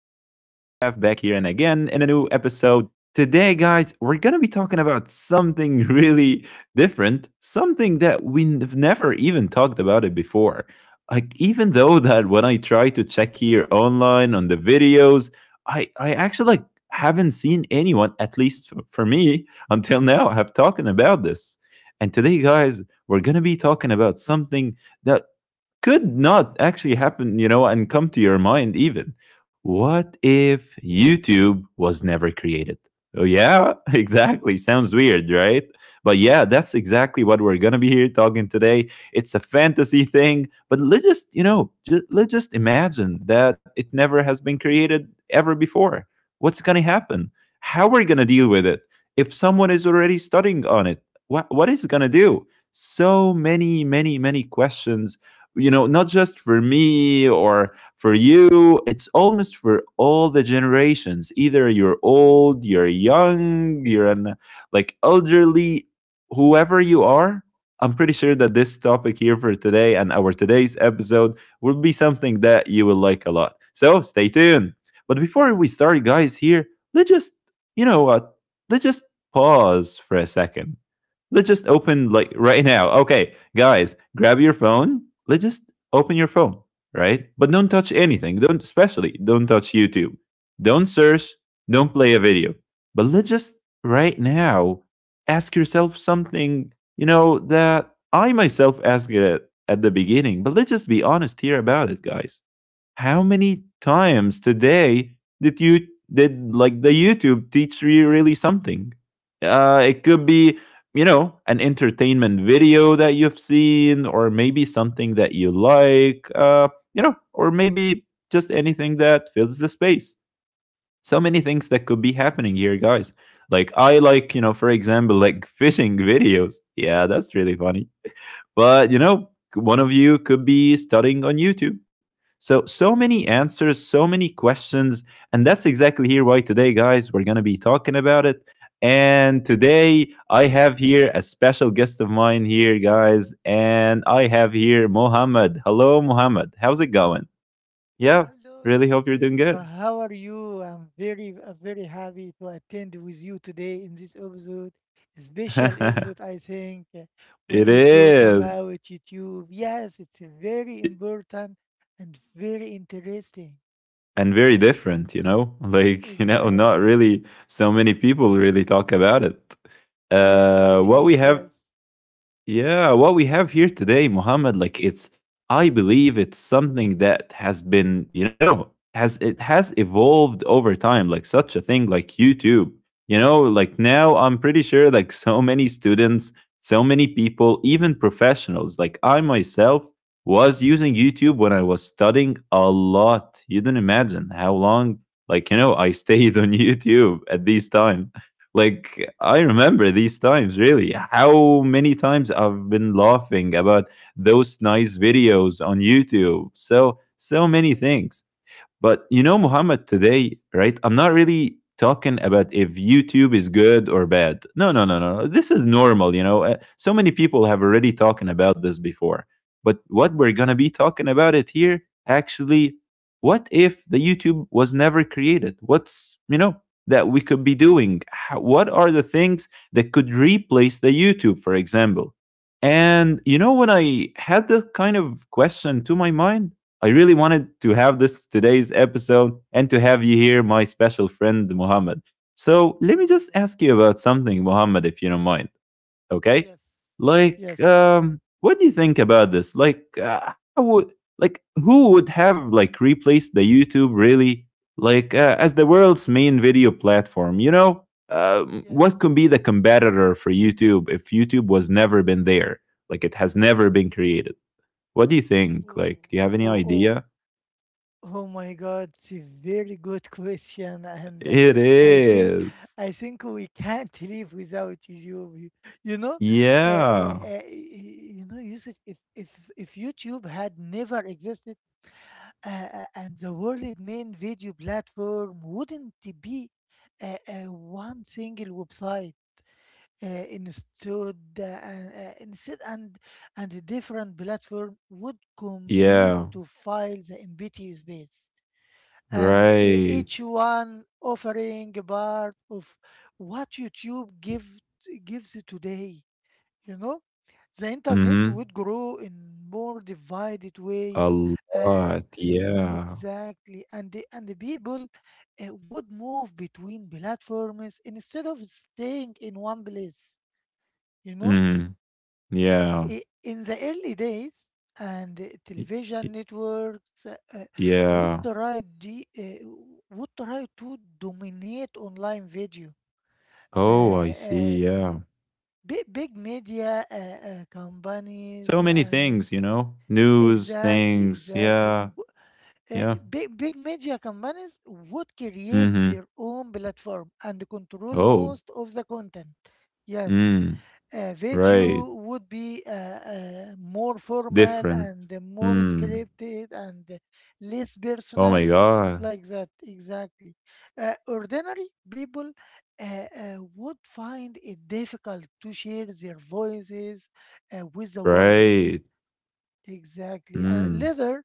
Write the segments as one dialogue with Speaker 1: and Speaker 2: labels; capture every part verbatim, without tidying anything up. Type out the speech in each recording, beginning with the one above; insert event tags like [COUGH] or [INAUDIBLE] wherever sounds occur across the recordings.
Speaker 1: back here and again in a new episode. Today, guys, we're going to be talking about something [LAUGHS] really different, something that we've never even talked about it before. Like, even though that when I try to check here online on the videos, I, I actually like haven't seen anyone, at least f- for me, [LAUGHS] until now, have talking about this. And today, guys, we're going to be talking about something that could not actually happen, you know, and come to your mind even. What if YouTube was never created? Oh, yeah, [LAUGHS] exactly. Sounds weird, right? But yeah, that's exactly what we're going to be here talking today. It's a fantasy thing, but let's just, you know, just, let's just imagine that it never has been created ever before. What's going to happen? How are we going to deal with it? If someone is already studying on it, what, what is it going to do? So many, many, many questions, you know, not just for me or for you. It's almost for all the generations. Either you're old, you're young, you're an, like, elderly, whoever you are, I'm pretty sure that this topic here for today and our today's episode will be something that you will like a lot, so stay tuned. But before we start, guys, here let's just, you know what, let's just pause for a second. Let's just open, like, right now. Okay, guys, grab your phone. Let's just open your phone, right? But don't touch anything. Don't, especially, don't touch YouTube. Don't search. Don't play a video. But let's just right now ask yourself something, you know, that I myself asked it at the beginning. But let's just be honest here about it, guys, how many times today did you, did like the YouTube teach you really something? Uh, it could be, you know, an entertainment video that you've seen, or maybe something that you like, uh, you know, or maybe just anything that fills the space. So many things that could be happening here, guys. Like I like, you know, for example, like [LAUGHS] fishing videos. Yeah, that's really funny, but you know, one of you could be studying on YouTube. So, so many answers, so many questions. And that's exactly here why today, guys, we're going to be talking about it. And today, I have here a special guest of mine here, guys. And I have here Mohammed. Hello, Mohammed. How's it going? Yeah,
Speaker 2: Hello,
Speaker 1: really hope you're doing
Speaker 2: Yusuf.
Speaker 1: good.
Speaker 2: Uh, How are you? I'm very, uh, very happy to attend with you today in this episode, special
Speaker 1: [LAUGHS]
Speaker 2: episode, I think, uh,
Speaker 1: It
Speaker 2: when we talk
Speaker 1: is.
Speaker 2: about YouTube. Yes, it's very important and very interesting.
Speaker 1: And very different, you know? [LAUGHS] Like, you know, not
Speaker 2: Exactly.
Speaker 1: really so many people really talk about it.
Speaker 2: Yes, I
Speaker 1: Uh, what
Speaker 2: see
Speaker 1: we
Speaker 2: it.
Speaker 1: have,
Speaker 2: Yes.
Speaker 1: yeah, what we have here today, Muhammad, like it's, I believe it's something that has been, you know, has it has evolved over time, like such a thing like YouTube. You know, like now I'm pretty sure like so many students, so many people, even professionals, like I myself was using YouTube when I was studying a lot. You don't imagine how long, like, you know, I [LAUGHS] stayed on YouTube at this time. Like I remember these times really. How many times I've been laughing about those nice videos on YouTube. So so many
Speaker 2: Yes.
Speaker 1: things. But you know, Muhammad, today, right? I'm not really talking about if YouTube is good or bad. No, no, no, no, no. This is normal, you know. Uh, So many people have already talking about this before. But what we're going to be talking about it here actually, what if the YouTube was never created? What's, you know, that we could be doing? How- What are the things that could replace the YouTube, for example? And you know, when I had that kind of question to my mind, I really wanted to have this today's episode and to have you here, my special friend Muhammad. So
Speaker 2: Oh
Speaker 1: let me
Speaker 2: my
Speaker 1: just
Speaker 2: God.
Speaker 1: ask you about something, Muhammad, if you don't mind. Okay,
Speaker 2: Yes.
Speaker 1: like,
Speaker 2: Yes.
Speaker 1: um, what do you think about this? Like, uh, how would, like, who would have like replaced the YouTube really, like, uh, as the world's main video platform? You know, um, what could
Speaker 2: Yes.
Speaker 1: be the
Speaker 2: Yes.
Speaker 1: competitor for YouTube if YouTube was never been there? Like, it has never been created. What do you think?
Speaker 2: Oh,
Speaker 1: Like, do you have any
Speaker 2: oh, oh,
Speaker 1: idea?
Speaker 2: Oh my God, it's a very good [LAUGHS] question, and uh,
Speaker 1: It
Speaker 2: I think
Speaker 1: is.
Speaker 2: I think we can't [LAUGHS] live without YouTube. You, you know, uh, uh,
Speaker 1: Yeah.
Speaker 2: uh, y- you know, Yusuf, if if if YouTube had never existed, uh, uh, and the world main video platform wouldn't be uh, uh, one single website. Uh, instead, uh, uh, instead, and and a different platform would compete
Speaker 1: Yeah.
Speaker 2: to fill the empty space and e-
Speaker 1: Right.
Speaker 2: each one offering a part of what YouTube give, gives today. You know, the internet
Speaker 1: Mm-hmm.
Speaker 2: would grow in more divided way.
Speaker 1: A
Speaker 2: Uh,
Speaker 1: lot. Yeah.
Speaker 2: exactly, and the, and the people uh, would move between platforms instead of staying in one place. You know
Speaker 1: Mm-hmm. Yeah.
Speaker 2: i- in the early days, and uh,
Speaker 1: Y-
Speaker 2: television
Speaker 1: y-
Speaker 2: networks uh, uh, would
Speaker 1: Yeah.
Speaker 2: try the, uh, would try to dominate online video.
Speaker 1: Oh, I
Speaker 2: Uh, uh,
Speaker 1: see. Yeah.
Speaker 2: big, big media uh, uh,
Speaker 1: So
Speaker 2: companies
Speaker 1: many
Speaker 2: and
Speaker 1: things, you know? News,
Speaker 2: exactly,
Speaker 1: things.
Speaker 2: exactly.
Speaker 1: Yeah.
Speaker 2: W- uh,
Speaker 1: Yeah.
Speaker 2: big, big media companies would create
Speaker 1: Mm-hmm.
Speaker 2: their own platform and control
Speaker 1: Oh.
Speaker 2: most of the content. Yes,
Speaker 1: Mm.
Speaker 2: a
Speaker 1: Right.
Speaker 2: video would be uh, uh, more formal and
Speaker 1: Different.
Speaker 2: more
Speaker 1: Mm.
Speaker 2: scripted and less
Speaker 1: Oh my
Speaker 2: personal
Speaker 1: God.
Speaker 2: like that exactly uh, ordinary people uh, uh, would find it difficult to share their voices uh, with the world
Speaker 1: Right.
Speaker 2: exactly uh,
Speaker 1: Mm.
Speaker 2: later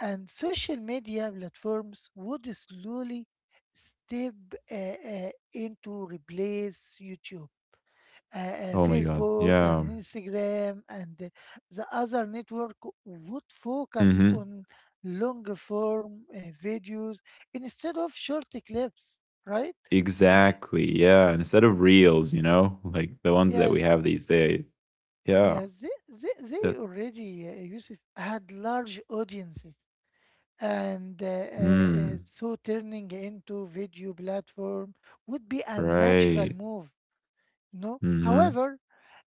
Speaker 2: and social media platforms would slowly step uh, uh, into replace youtube uh, uh,
Speaker 1: Oh my God.
Speaker 2: Facebook and
Speaker 1: Yeah.
Speaker 2: Instagram and the the other network would focus
Speaker 1: Mm-hmm.
Speaker 2: on long form uh, videos instead of short clips, right?
Speaker 1: Exactly. Yeah. Instead of reels, you know, like the ones that we
Speaker 2: Yes,
Speaker 1: have these days. Yeah.
Speaker 2: yes, they, they, they
Speaker 1: That.
Speaker 2: already, uh, Yusuf, had large audiences. And uh, uh, uh,
Speaker 1: Mm,
Speaker 2: so turning into video platform would be a natural
Speaker 1: right.
Speaker 2: move, no?
Speaker 1: Hmm.
Speaker 2: However,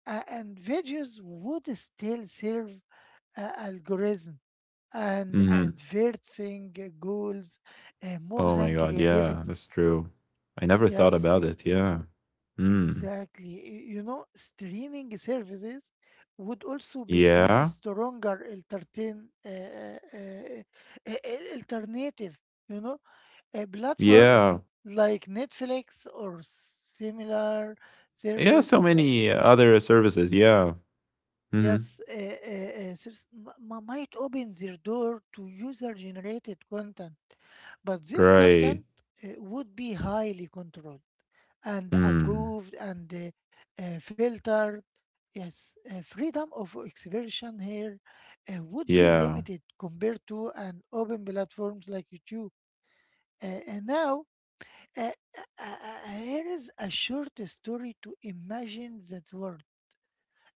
Speaker 2: uh, and videos would still serve uh, algorithms and
Speaker 1: Hmm.
Speaker 2: advancing goals uh, more
Speaker 1: Oh my
Speaker 2: than
Speaker 1: God. Yeah.
Speaker 2: creativity.
Speaker 1: That's true. I never thought
Speaker 2: Yes,
Speaker 1: about
Speaker 2: e-
Speaker 1: it. Yeah. Mm.
Speaker 2: exactly. Y- You know, streaming services would also become a
Speaker 1: Yeah.
Speaker 2: stronger alternative, uh, uh, uh, uh, alternative. You know, uh,
Speaker 1: Yeah.
Speaker 2: platforms like Netflix or similar
Speaker 1: Yeah.
Speaker 2: service.
Speaker 1: So
Speaker 2: uh,
Speaker 1: many other services. Yeah. Hmm.
Speaker 2: Yes, uh, uh, uh, subs- m- m- might open their door to user-generated content, but this
Speaker 1: Right.
Speaker 2: content uh, would be highly controlled and
Speaker 1: Mm.
Speaker 2: approved and uh, uh, filtered. Yes, uh, freedom of expression here uh, would be
Speaker 1: Yeah.
Speaker 2: limited compared to an open platforms like YouTube. Uh, and now, uh, uh, uh, uh, here is a short story to imagine that world.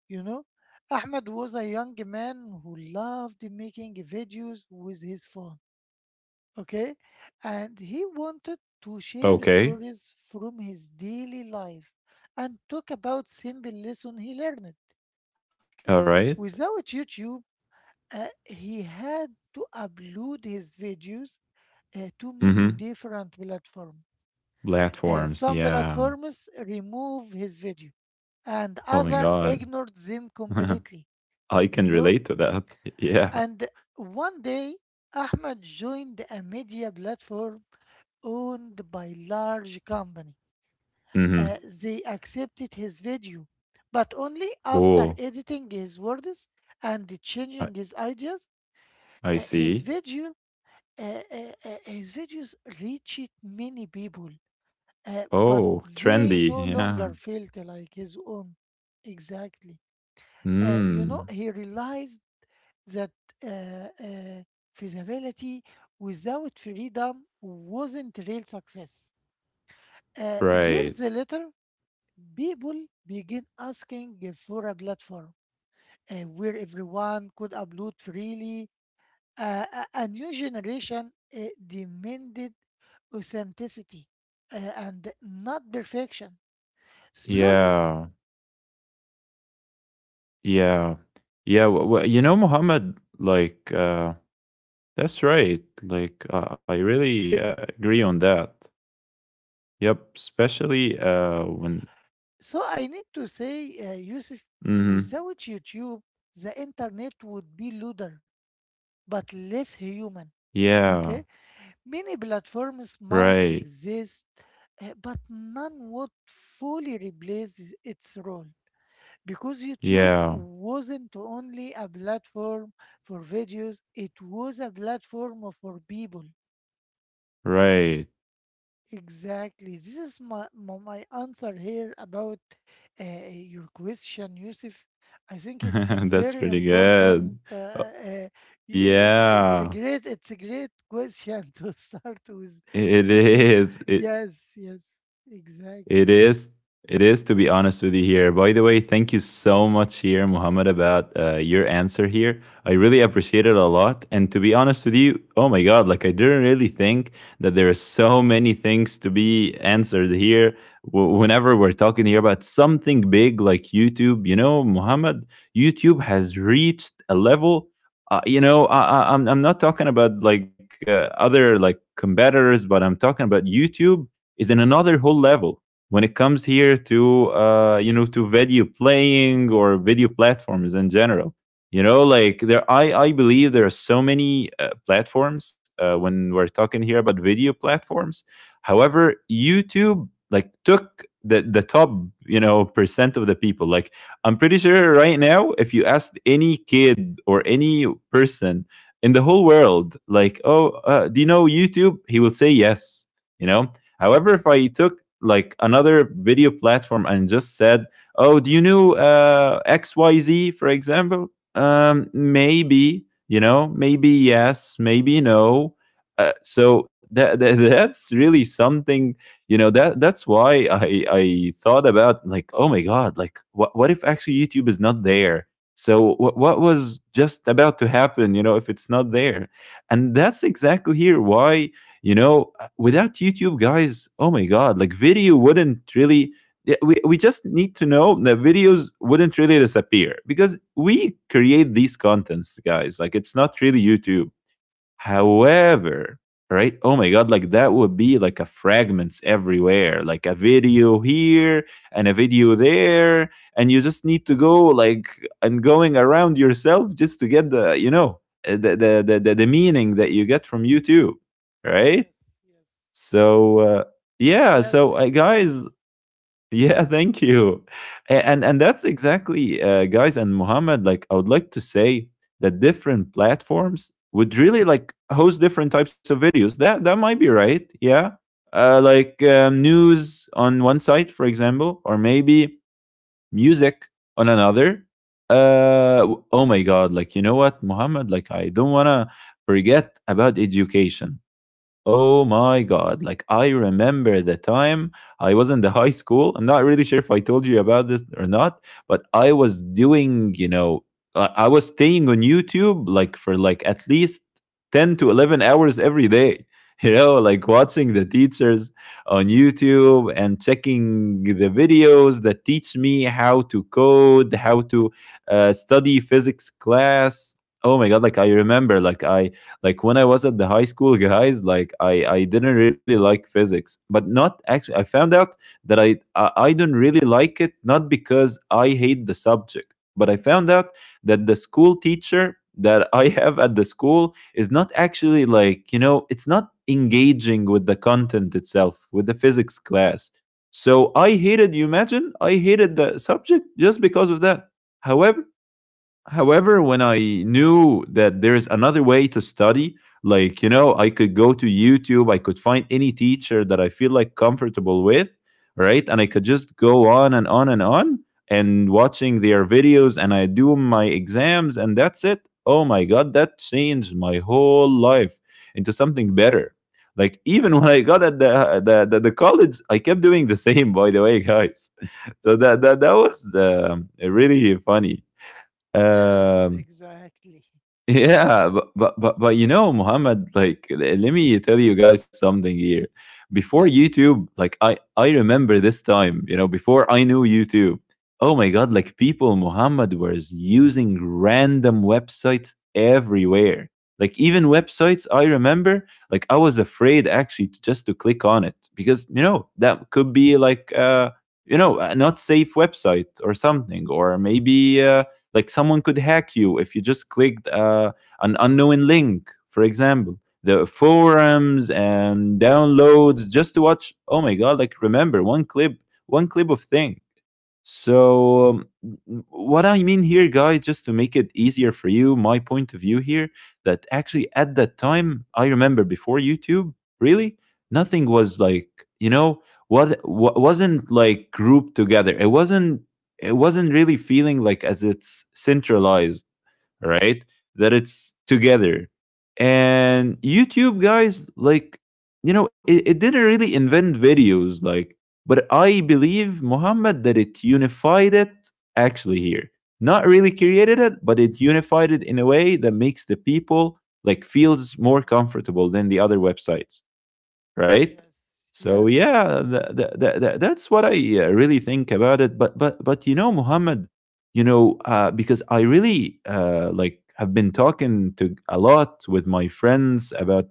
Speaker 2: You know, Ahmed was a young man who loved making videos with his phone, okay? And he wanted to share
Speaker 1: Okay.
Speaker 2: stories from his daily life and talk about simple lesson he learned, okay?
Speaker 1: All right.
Speaker 2: Without YouTube, uh, he had to upload his videos uh, to many
Speaker 1: Hmm.
Speaker 2: different platforms. Uh,
Speaker 1: Platforms.
Speaker 2: some
Speaker 1: Yeah.
Speaker 2: platforms remove his video and
Speaker 1: Oh my
Speaker 2: other
Speaker 1: God.
Speaker 2: ignored them
Speaker 1: [LAUGHS]
Speaker 2: completely
Speaker 1: I
Speaker 2: you
Speaker 1: can
Speaker 2: know.
Speaker 1: relate to that. Y- Yeah.
Speaker 2: And one day, Ahmed joined a media platform owned by large company.
Speaker 1: Mm-hmm.
Speaker 2: Uh, they accepted his video, but only after
Speaker 1: Oh,
Speaker 2: editing his words and
Speaker 1: I,
Speaker 2: changing his ideas.
Speaker 1: I
Speaker 2: Uh, his
Speaker 1: see.
Speaker 2: video, uh, uh, uh, his videos reached many people, uh, but
Speaker 1: Oh,
Speaker 2: they
Speaker 1: trendy.
Speaker 2: no
Speaker 1: Yeah.
Speaker 2: longer felt like his own. Exactly. Uh, you know,
Speaker 1: Mm.
Speaker 2: he realized that uh, uh, feasibility without freedom wasn't real success. Uh,
Speaker 1: Right.
Speaker 2: years later, people begin asking for a platform uh, where everyone could upload freely. Uh, a, a new generation uh, demanded authenticity uh, and not perfection. Slowly,
Speaker 1: Yeah.
Speaker 2: the world understood that video
Speaker 1: Yeah. Yeah.
Speaker 2: platforms
Speaker 1: W- w-
Speaker 2: are
Speaker 1: you know,
Speaker 2: not just a
Speaker 1: Mohammed,
Speaker 2: technology.
Speaker 1: like, uh,
Speaker 2: They are
Speaker 1: that's right.
Speaker 2: spaces where
Speaker 1: Like, uh, I
Speaker 2: voices
Speaker 1: really uh,
Speaker 2: and
Speaker 1: agree on
Speaker 2: stories
Speaker 1: that.
Speaker 2: and
Speaker 1: Yep.
Speaker 2: identities are
Speaker 1: Especially
Speaker 2: formed.
Speaker 1: uh, when.
Speaker 2: So I need to say, uh, Yusuf,
Speaker 1: Mm-hmm.
Speaker 2: without YouTube, the internet would be looser, but less human.
Speaker 1: Yeah.
Speaker 2: Okay? Many platforms might
Speaker 1: Right.
Speaker 2: exist, uh, but none would fully replace its role. Because YouTube
Speaker 1: Yeah.
Speaker 2: wasn't only a platform for videos, it was a platform for people.
Speaker 1: Right.
Speaker 2: Exactly. This is my, my, my answer here about uh, your question, Yusuf. I think it's a
Speaker 1: [LAUGHS] That's
Speaker 2: very
Speaker 1: pretty
Speaker 2: important.
Speaker 1: good.
Speaker 2: Uh,
Speaker 1: Uh,
Speaker 2: uh, y- it's it's a
Speaker 1: yeah.
Speaker 2: great it's a great question [LAUGHS] to start with
Speaker 1: It
Speaker 2: YouTube.
Speaker 1: is. It
Speaker 2: Yes, yes,
Speaker 1: it
Speaker 2: exactly.
Speaker 1: is. It is, to be honest with you, here. By the way, thank you so much here, Muhammad, about uh, your answer here. I really appreciate it a lot. And to be honest with you, oh my God, like I didn't really think that there are so many things to be answered here. W- whenever we're talking here about something big like YouTube, you know, Muhammad, YouTube has reached a level. Uh, you know, I, I, I'm I'm not talking about like uh, other like competitors, but I'm talking about YouTube is in another whole level when it comes here to, uh, you know, to video playing or video platforms in general. You know, like there, i i believe there are so many uh, platforms uh, when we're talking here about video platforms. However, YouTube like took the the top, you know, percent of the people. Like, I'm pretty sure right now if you asked any kid or any person in the whole world, like, oh, uh, do you know YouTube, he will say yes, you know. However, if I took like another video platform and just said, "Oh, do you know uh, X Y Z, for example? Um, maybe you know, maybe yes, maybe no." Uh, so that, [LAUGHS] that that's really something, you know. That that's why I I thought about, like, oh my god, like what what if actually YouTube is not there? So what what was just about to happen, you know, if it's not there? And that's exactly here why, you know, without YouTube, guys, oh my God, like video wouldn't really. Yeah, We, we just need to know that videos wouldn't really disappear because we create these contents, guys. Like it's not really YouTube. However, right? Oh my God, like that would be like a fragments everywhere, like a video here and a video there. And you just need to go like and going around yourself just to get the, you know, uh, the, the, the the meaning that you get from YouTube, right?
Speaker 2: Yes, yes,
Speaker 1: So uh, yeah,
Speaker 2: yes,
Speaker 1: so uh, guys,
Speaker 2: exactly.
Speaker 1: [LAUGHS] yeah, thank you. A- and and that's exactly, uh, guys and Muhammad, like I would like to say that different platforms would really like host different types of videos. That that might be right. Yeah, uh, like, um, news on one site, for example, or maybe music on another. uh oh my god, like, you know what, Muhammad, like I don't want to forget about education. Oh my god, like I remember the time I was in the high school. I'm not really sure if I told you about this or not, but I was doing, you know, i I was staying on YouTube like for like at least ten to eleven hours every day [LAUGHS] you know, like watching the teachers on YouTube and checking the videos that teach me how to code, how to uh, study physics class. Oh my god! Like I remember, like I like when I was at the high school, guys. Like I I didn't really like physics, but not actually. I found out that I I, I don't really like it, not because I hate the subject, but I found out that the school teacher that I have at the school is not actually like, you know, it's not engaging with the content itself, with the physics class. So I hated, you imagine, I hated the subject just because of that. However, However, when I knew that there is another way to study, like, you know, I could go to YouTube, I could find any teacher that I feel like comfortable with, right? And I could just go on and on and on and watching their videos and I do my exams and that's it. Oh my God, that changed my whole life into something better. Like [LAUGHS] even when I got at the the, the, the college, I kept doing the same. By the way, guys, [LAUGHS] so that that that was um, really funny
Speaker 2: Yes,
Speaker 1: um,
Speaker 2: exactly.
Speaker 1: [LAUGHS] yeah, but, but but but you know, Muhammad, like l- let
Speaker 2: Mm-hmm.
Speaker 1: me tell you guys something here. Before
Speaker 2: Yes,
Speaker 1: YouTube, like I I remember this time, you know, before I knew YouTube. Oh my God, like people, Muhammad was using random websites everywhere. Like even websites, I remember, like I was afraid actually to, just to click on it because you know that could be like uh you know a not safe website or something or maybe. Uh, like someone could hack you if you just clicked uh, an unknown link, for example, the forums and downloads just to watch. Oh my god, like, remember one clip, one clip of thing. So, um, w- what I mean here, guys, just to make it easier for you, my point of view here, that actually at that time, I remember before YouTube, really, nothing was like, you know, what wasn't like grouped together. It wasn't, it wasn't really feeling like as it's centralized, right? That it's together. And YouTube guys, like, you know, it, it didn't really invent videos, like, but I believe, Muhammad, that it unified it actually here. Not really
Speaker 2: yes.
Speaker 1: created it, but it unified it in a way that makes the people like feels more
Speaker 2: Mm-hmm.
Speaker 1: comfortable than the other websites, right?
Speaker 2: Yes,
Speaker 1: So
Speaker 2: yes.
Speaker 1: yeah, th- th- th- th- that's what I uh, really think about it. But but but you know, Muhammad, you know, uh, because I really uh, like have been talking to a lot with my friends about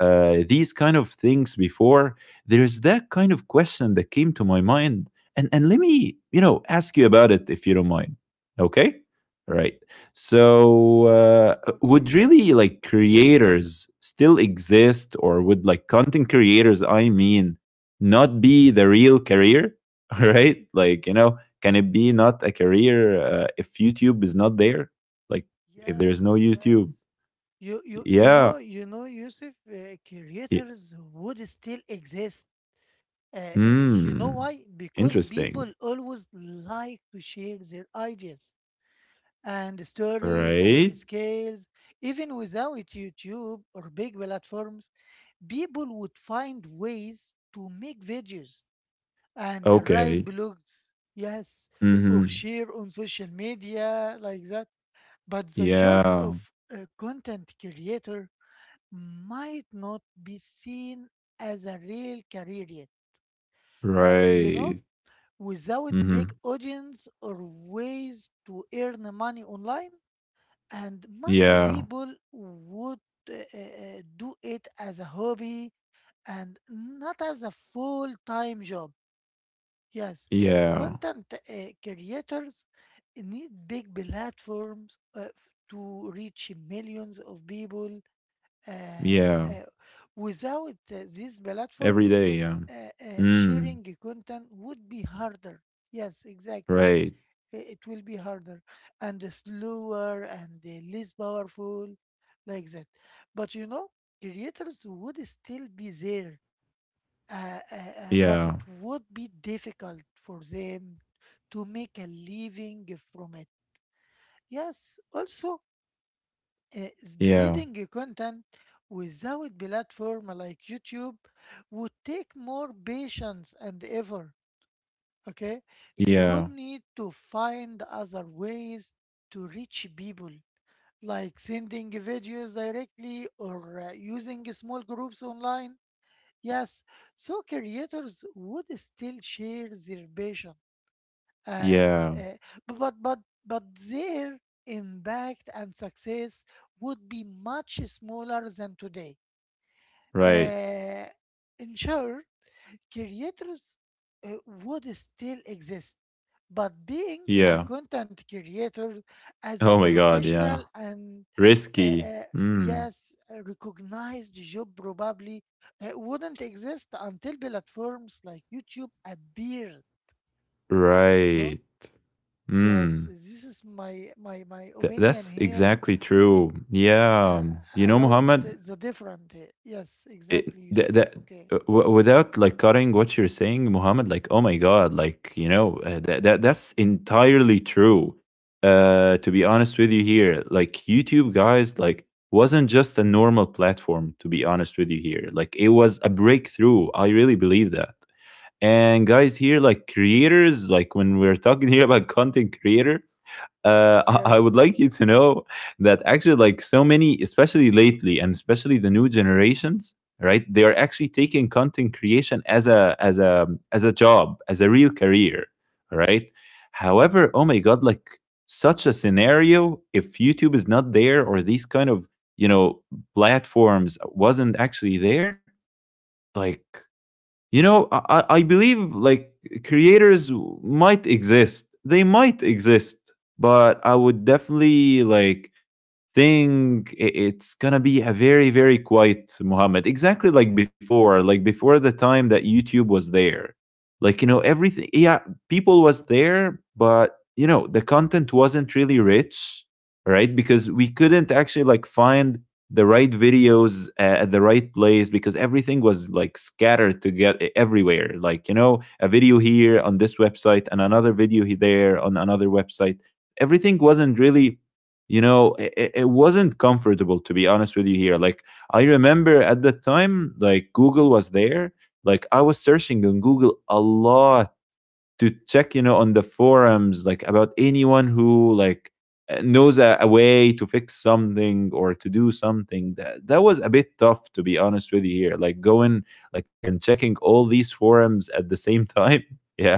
Speaker 1: uh, these kind of things before. There is that kind of question that came to my mind, and and let me, you know, ask you about it if you don't mind. Okay. Right, so uh, would
Speaker 2: Okay.
Speaker 1: really like creators still exist, or would like content creators, I mean, not be the real career? [LAUGHS] Right, like, you know, can it be not a career uh, if YouTube is not there? Like, if there's no
Speaker 2: Yes, yes.
Speaker 1: YouTube.
Speaker 2: You you you
Speaker 1: Yeah.
Speaker 2: know you know Yusuf, uh,
Speaker 1: Yeah.
Speaker 2: creators would still exist. Uh, uh, you know
Speaker 1: Hmm.
Speaker 2: why? Because
Speaker 1: Interesting.
Speaker 2: people always like to share their ideas and stories and
Speaker 1: Right.
Speaker 2: the scales. Even without YouTube or big platforms, people would find ways to make videos and write
Speaker 1: Okay.
Speaker 2: blogs. Yes, or
Speaker 1: Mm-hmm.
Speaker 2: share on social media like that. But the job
Speaker 1: Yeah.
Speaker 2: of a content creator might not be seen as a real career yet, uh, you know,
Speaker 1: Right.
Speaker 2: without big
Speaker 1: Mm-hmm.
Speaker 2: audience or ways to earn money online. And most
Speaker 1: Yeah.
Speaker 2: people would uh, uh, uh, do it as a hobby and not as a full time job. Yes,
Speaker 1: Yeah.
Speaker 2: content uh, creators need big platforms uh, f- to reach millions of people uh,
Speaker 1: Yeah.
Speaker 2: uh, without uh, these
Speaker 1: Every
Speaker 2: platforms,
Speaker 1: day, yeah.
Speaker 2: uh, uh,
Speaker 1: Mm,
Speaker 2: sharing content would be harder. Yes, exactly.
Speaker 1: right.
Speaker 2: I- It will be harder and slower and uh, less powerful, like that. But you know, creators would still be there, uh, uh, uh,
Speaker 1: Yeah.
Speaker 2: but it would be difficult for them to make a living from it. Yes, also, uh,
Speaker 1: Yeah.
Speaker 2: spreading your content without platform like YouTube would take more patience and effort. Okay, they
Speaker 1: Yeah.
Speaker 2: would need to find other ways to reach people, like sending videos directly or uh, using small groups online. Yes, so creators would still share their passion, and
Speaker 1: Yeah.
Speaker 2: uh, but but but but their impact and success would be much smaller than today.
Speaker 1: Right.
Speaker 2: Uh, In short, creators uh, would still exist, but being a
Speaker 1: Yeah.
Speaker 2: content creator as a
Speaker 1: Oh my god, yeah.
Speaker 2: professional and uh,
Speaker 1: Risky.
Speaker 2: uh,
Speaker 1: Mm,
Speaker 2: yes, a recognized job probably uh, wouldn't exist until platforms like YouTube appeared. You know.
Speaker 1: right.
Speaker 2: Yes,
Speaker 1: Mm.
Speaker 2: this is my my my
Speaker 1: Th-
Speaker 2: opinion
Speaker 1: that's
Speaker 2: here
Speaker 1: exactly true. Yeah.
Speaker 2: uh,
Speaker 1: You know,
Speaker 2: about
Speaker 1: Muhammad,
Speaker 2: the, the different. Here. Yes,
Speaker 1: it,
Speaker 2: exactly,
Speaker 1: that,
Speaker 2: Yusuf.
Speaker 1: that
Speaker 2: Okay.
Speaker 1: uh, w- without like cutting what you're saying, Muhammad, like, oh my God, like, you know, uh, that, that that's entirely true. Uh, to be honest with you here, like YouTube guys, like wasn't just a normal platform, to be honest with you here. Like it was a breakthrough. I really believe that. And guys here, like creators, like when we're talking [LAUGHS] here about content creator, uh, I I would
Speaker 2: Yes.
Speaker 1: like you to know that actually, like so many, especially lately, and especially the new generations, right? They are actually taking content creation as a as a as a job, as a real career, right? However, oh my god, like such a scenario, if YouTube is not there or these kind of, you know, platforms wasn't actually there, like, you know, i, I I believe like creators might exist. They might exist, but I would definitely like think i- it's gonna be a very, very quiet, Muhammad, exactly like before, like before the time that YouTube was there. Like you know everything, yeah, people was there, but you know the content wasn't really rich, right? Because we couldn't actually like find the right videos uh, at the right place because everything was like scattered together everywhere. Like, you know, a video here on this website and another video he- there on another website. Everything wasn't really, you know, it, it wasn't comfortable, to be honest with you here. Like I remember at that time, like Google was there. Like I was searching on Google a lot to check, you know, on the forums, like about anyone who like uh, knows a, a way to fix something or to do something. That, that was a bit tough, to be honest with you here, like going like and checking all these forums at the same time. [LAUGHS] Yeah.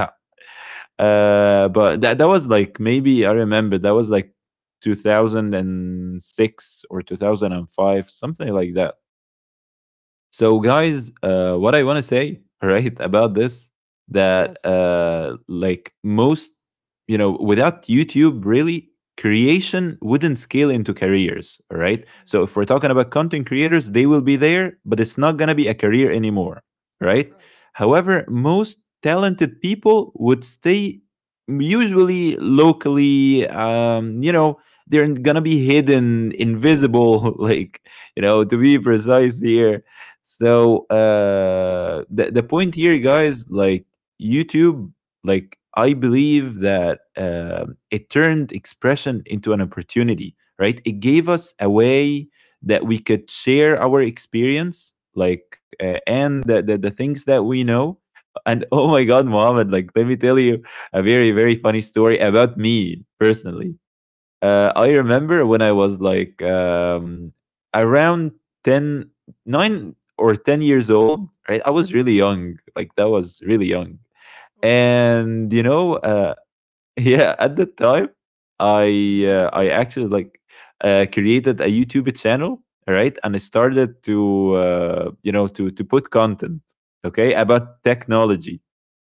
Speaker 1: uh, But that, that was like, maybe I remember that was like two thousand six or two thousand five, something like that. So, guys, uh, what I want to say, right, about this, that
Speaker 2: Yes.
Speaker 1: uh, like most, you know, without YouTube, really, creation wouldn't scale into careers, all right? So,
Speaker 2: Mm-hmm.
Speaker 1: if we're talking about content
Speaker 2: Yes.
Speaker 1: creators, they will be there, but it's not going to be a career anymore, right?
Speaker 2: Right.
Speaker 1: However, most talented people would stay usually locally, um, you know, they're going to be hidden, invisible, [LAUGHS] like, you know, to be precise here. So uh, the the point here, guys, like YouTube, like I believe that uh, it turned expression into an opportunity, right? It gave us a way that we could share our experience, like uh, and the, the the things that we know. And [LAUGHS] oh my God, Mohammed, like let me tell you a very, very funny story about me personally. Uh, I remember when I was like um, around ten, nine or ten years old, right? I was really young. Like, that was really young.
Speaker 2: Okay.
Speaker 1: And, you know, uh, [LAUGHS] yeah, at that time, I uh,
Speaker 2: Mm-hmm.
Speaker 1: I actually like uh, created a YouTube channel, right? And I started to uh, you know, to to put content, okay, about technology.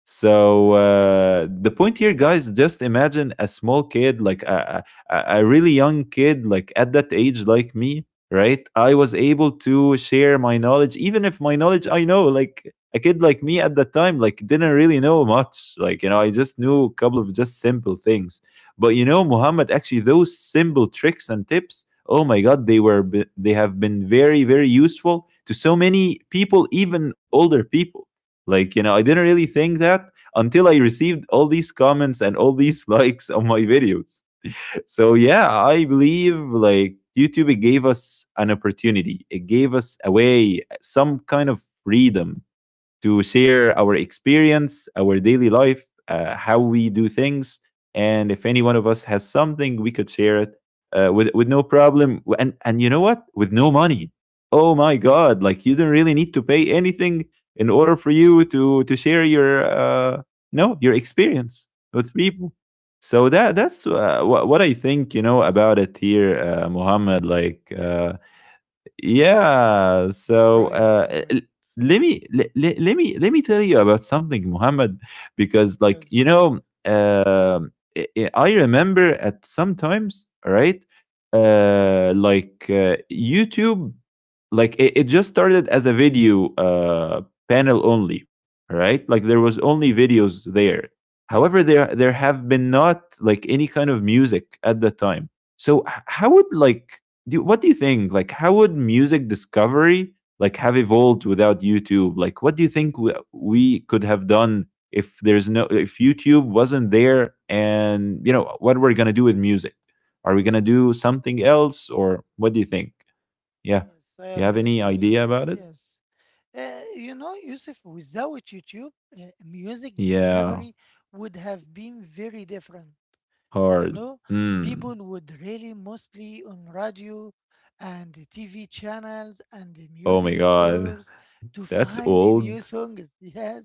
Speaker 1: So uh, the point here, guys, just imagine a small kid, like a, a, a really young kid, like at that age, like me, right? I was able to share my knowledge, even if my knowledge, I know, like a kid like me at that time, like didn't really know much. Like, you know, I just knew a couple of just simple things. But you know, Muhammad, actually, those simple tricks and tips, oh my God, they were, be- they have been very, very useful to so many people, even older people. Like, you know, I didn't really think that until I received all these comments and all these [LAUGHS] likes on my videos. So yeah, I believe like YouTube, it gave us an opportunity, it gave us a way, some kind of freedom to share our experience, our daily life, uh, how we do things. And if any one of us has something, we could share it uh, with with no problem. And and you know what, with no money. Oh my god, like you don't really need to pay anything in order for you to to share your uh no, your experience with people. So that, that's uh, what what I think, you know, about it here, uh, Muhammad. Like
Speaker 2: Yes.
Speaker 1: uh, yeah, so
Speaker 2: Right.
Speaker 1: uh eh, l-
Speaker 2: Right.
Speaker 1: let me let, let me let me tell you about something, Muhammad, because, like,
Speaker 2: Yes,
Speaker 1: you
Speaker 2: please.
Speaker 1: know, um i i I remember at sometimes, right, uh like uh, YouTube, like it, it just started as a video uh panel only, right? Like there was only videos there. However, there there have been not like any kind of music at that time. So h- how would like do, what do you think? Like, how would music discovery like have evolved without YouTube? Like, what do you think we, we could have done if there's no, if YouTube wasn't there? And you know, what we're gonna do with music? Are we gonna do something else, or what do you think? Yeah,
Speaker 2: Yes, I
Speaker 1: you have any
Speaker 2: understood you.
Speaker 1: idea about it?
Speaker 2: Yes. Uh, you know, Yusuf, without YouTube, uh, music
Speaker 1: Yeah,
Speaker 2: discovery would have been very different. You
Speaker 1: hard.
Speaker 2: know
Speaker 1: Mm.
Speaker 2: people would really mostly on radio and the TV channels and the
Speaker 1: Oh
Speaker 2: music
Speaker 1: my god,
Speaker 2: stores to
Speaker 1: [LAUGHS] that's
Speaker 2: find the new
Speaker 1: old.
Speaker 2: songs [LAUGHS] yes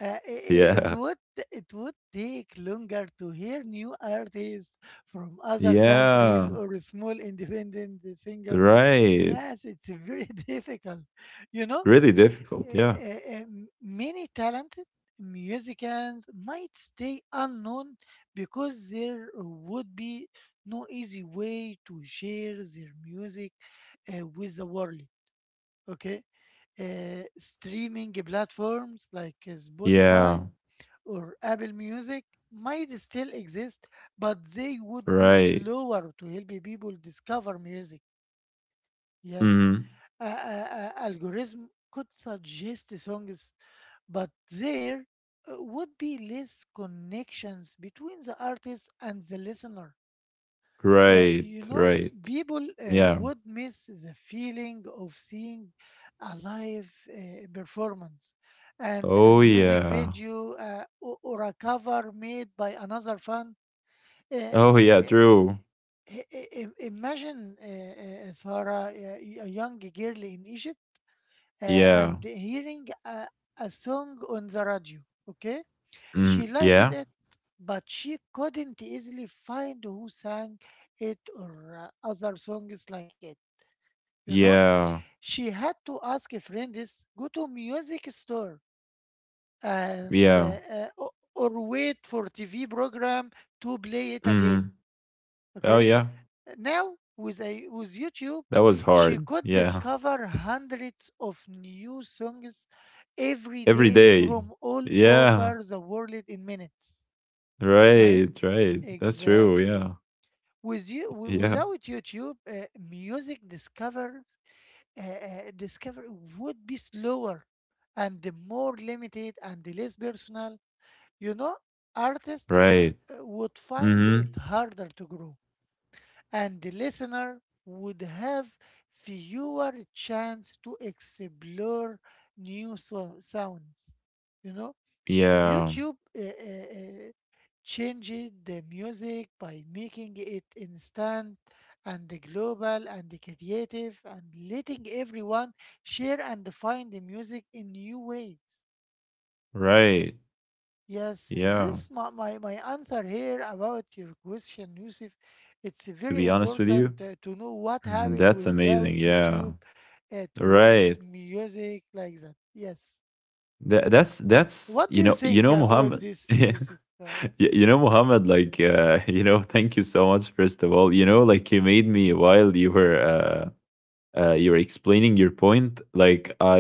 Speaker 2: uh, it, it
Speaker 1: Yeah,
Speaker 2: would it would take longer to hear new artists from other countries
Speaker 1: yeah,
Speaker 2: or a small independent singer
Speaker 1: right.
Speaker 2: yes it's very [LAUGHS] difficult you know
Speaker 1: Really difficult. Yeah,
Speaker 2: uh, uh, uh, many talented musicians might stay unknown because there would be no easy way to share their music uh, with the world. Okay, Uh, streaming platforms like uh,
Speaker 1: yeah.
Speaker 2: Spotify or Apple Music might still exist, but they would be
Speaker 1: Right.
Speaker 2: slower to help people discover music. Yes,
Speaker 1: Mhm.
Speaker 2: uh, uh, uh, algorithm could suggest songs but there uh, would be less connections between the artist and the listener. Uh,
Speaker 1: Right,
Speaker 2: you know,
Speaker 1: right.
Speaker 2: people uh,
Speaker 1: Yeah.
Speaker 2: would miss the feeling of seeing a live uh, performance and a
Speaker 1: Oh,
Speaker 2: music
Speaker 1: yeah.
Speaker 2: video uh, o- or a cover made by another fan. Uh, uh,
Speaker 1: Oh, yeah, true.
Speaker 2: i- i- imagine, uh, uh, Sarah, uh, a young girl in Egypt uh,
Speaker 1: Yeah.
Speaker 2: and hearing a, a song on the radio, okay?
Speaker 1: Mm,
Speaker 2: She liked
Speaker 1: yeah?
Speaker 2: it, but she couldn't easily find who sang it or uh, other songs like it. You know,
Speaker 1: Yeah.
Speaker 2: she had to ask friends, go to music store, and
Speaker 1: Yeah.
Speaker 2: uh, uh, o- or wait for T V program to play it again.
Speaker 1: Mhm. Oh,
Speaker 2: Okay,
Speaker 1: yeah.
Speaker 2: now with a with YouTube,
Speaker 1: That was
Speaker 2: she
Speaker 1: hard.
Speaker 2: could
Speaker 1: Yeah.
Speaker 2: discover hundreds of new songs
Speaker 1: [LAUGHS]
Speaker 2: every
Speaker 1: Every
Speaker 2: day
Speaker 1: day.
Speaker 2: from all
Speaker 1: Yeah.
Speaker 2: over the world in minutes. Right?
Speaker 1: Right, right. That's true,
Speaker 2: Exactly.
Speaker 1: yeah.
Speaker 2: With you, wi-
Speaker 1: Yeah.
Speaker 2: without YouTube, uh, music discovers uh, uh, discovery would be slower and more limited and less personal. You know, artists
Speaker 1: Right.
Speaker 2: uh, would find it
Speaker 1: Mhm.
Speaker 2: harder to grow, and the listener would have fewer chance to explore new so sounds. You know.
Speaker 1: Yeah.
Speaker 2: YouTube uh, uh, uh, changed the music by making it instant and global and creative and letting everyone share and find the music in new ways.
Speaker 1: Right.
Speaker 2: Yes,
Speaker 1: Yeah.
Speaker 2: this my, my, my answer here about your question, Yusuf. It's
Speaker 1: To
Speaker 2: very
Speaker 1: be honest with you,
Speaker 2: important uh, to know what
Speaker 1: [LAUGHS]
Speaker 2: happened
Speaker 1: that's amazing.
Speaker 2: without
Speaker 1: Yeah.
Speaker 2: YouTube uh, towards
Speaker 1: Right.
Speaker 2: music like that. Yes.
Speaker 1: That, that's that's
Speaker 2: What do
Speaker 1: you
Speaker 2: you
Speaker 1: know you
Speaker 2: think
Speaker 1: know
Speaker 2: about
Speaker 1: Muhammad [LAUGHS]
Speaker 2: this,
Speaker 1: you
Speaker 2: Yusuf? Uh,
Speaker 1: you know Muhammad like uh, [LAUGHS] you know thank you so much first of all you know like you made me while you were uh, uh, you're explaining your point like I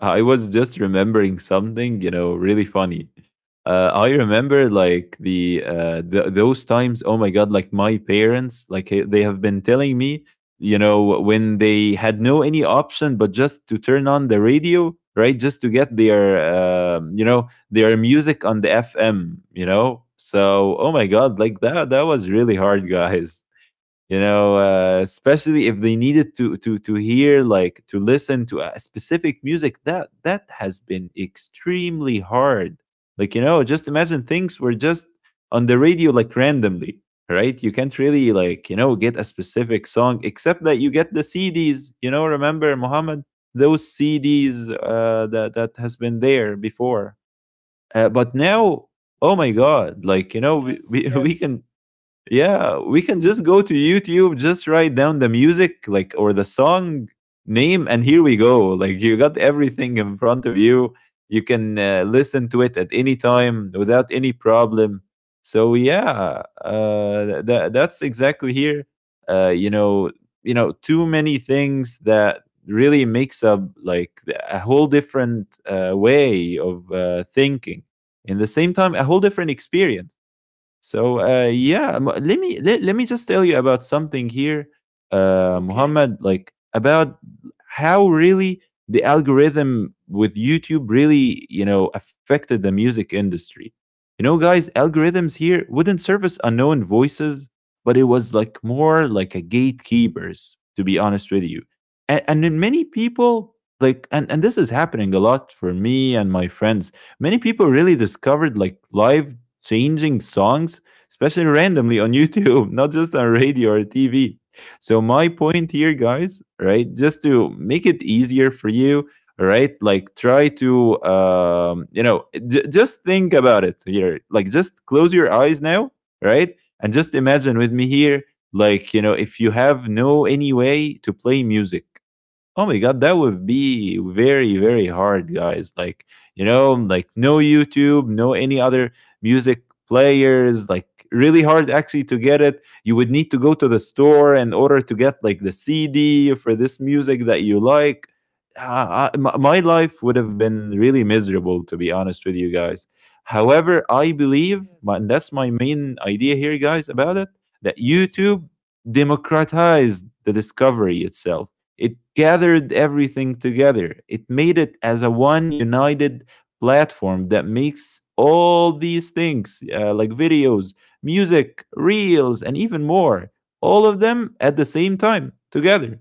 Speaker 1: [LAUGHS] I was just remembering something you know really funny. uh, I remember like the uh th- those times. Oh my god, like my parents, like eh, they have been telling me, you know, when they had no any option but just to turn on the radio, right, just to get their uh, you know, their music on the FM, you know. So oh my god, like that that was really hard [LAUGHS] guys. You know, uh, especially if they needed to to to hear, like to listen to a specific music, that that has been extremely hard. Like, you know, just imagine, things were just on the radio like randomly, right? You can't really, like, you know, get a specific song except that you get the CDs. You know, remember, Muhammad, those CDs uh, that that has been there before. Uh, but now, oh my god, like, you know, we, we,
Speaker 2: Yes,
Speaker 1: [LAUGHS] we
Speaker 2: yes.
Speaker 1: can, yeah, we can just go to YouTube, just write down the music like or the song name, and here we go. Like, you got everything in front of you. You can uh, listen to it at any time without any problem. So yeah, uh that that's exactly here. Uh you know, you know, too many things that really makes up like the- a whole different uh, way of uh, thinking. In the same time, a whole different experience. So uh, yeah, m- let me let, let me just tell you about something here, uh,
Speaker 2: Okay.
Speaker 1: Muhammad. Like, about how really the algorithm with YouTube really, you know, affected the music industry. You know, guys, algorithms here wouldn't service unknown voices, but it was like more like a gatekeepers, to be honest with you. And, and then many people like, and, and this is happening a lot for me and my friends. Many people really discovered like live changing songs, especially randomly on [LAUGHS] YouTube, not just on radio or T V. So, my point here, guys, right, just to make it easier for you, right, like try to, um, you know, j- just think about it here. Like, just close your eyes now, right, and just imagine with me here, like, you know, if you have no any way to play music. Oh my god, that would be very, very hard, guys. Like, you know, like no YouTube, no any other music players, like really hard actually to get it. You would need to go to the store in order to get like the C D for this music that you like. Ah, I- my my life would have been really miserable, to be honest with you guys. However, I believe, my- and
Speaker 2: Yes.
Speaker 1: that's my main idea here, guys, about it, that YouTube
Speaker 2: Yes.
Speaker 1: democratized the discovery itself. It gathered everything together. It made it as a one united platform that makes all these things uh, like videos, music, reels, and even more, all of them at the same time together.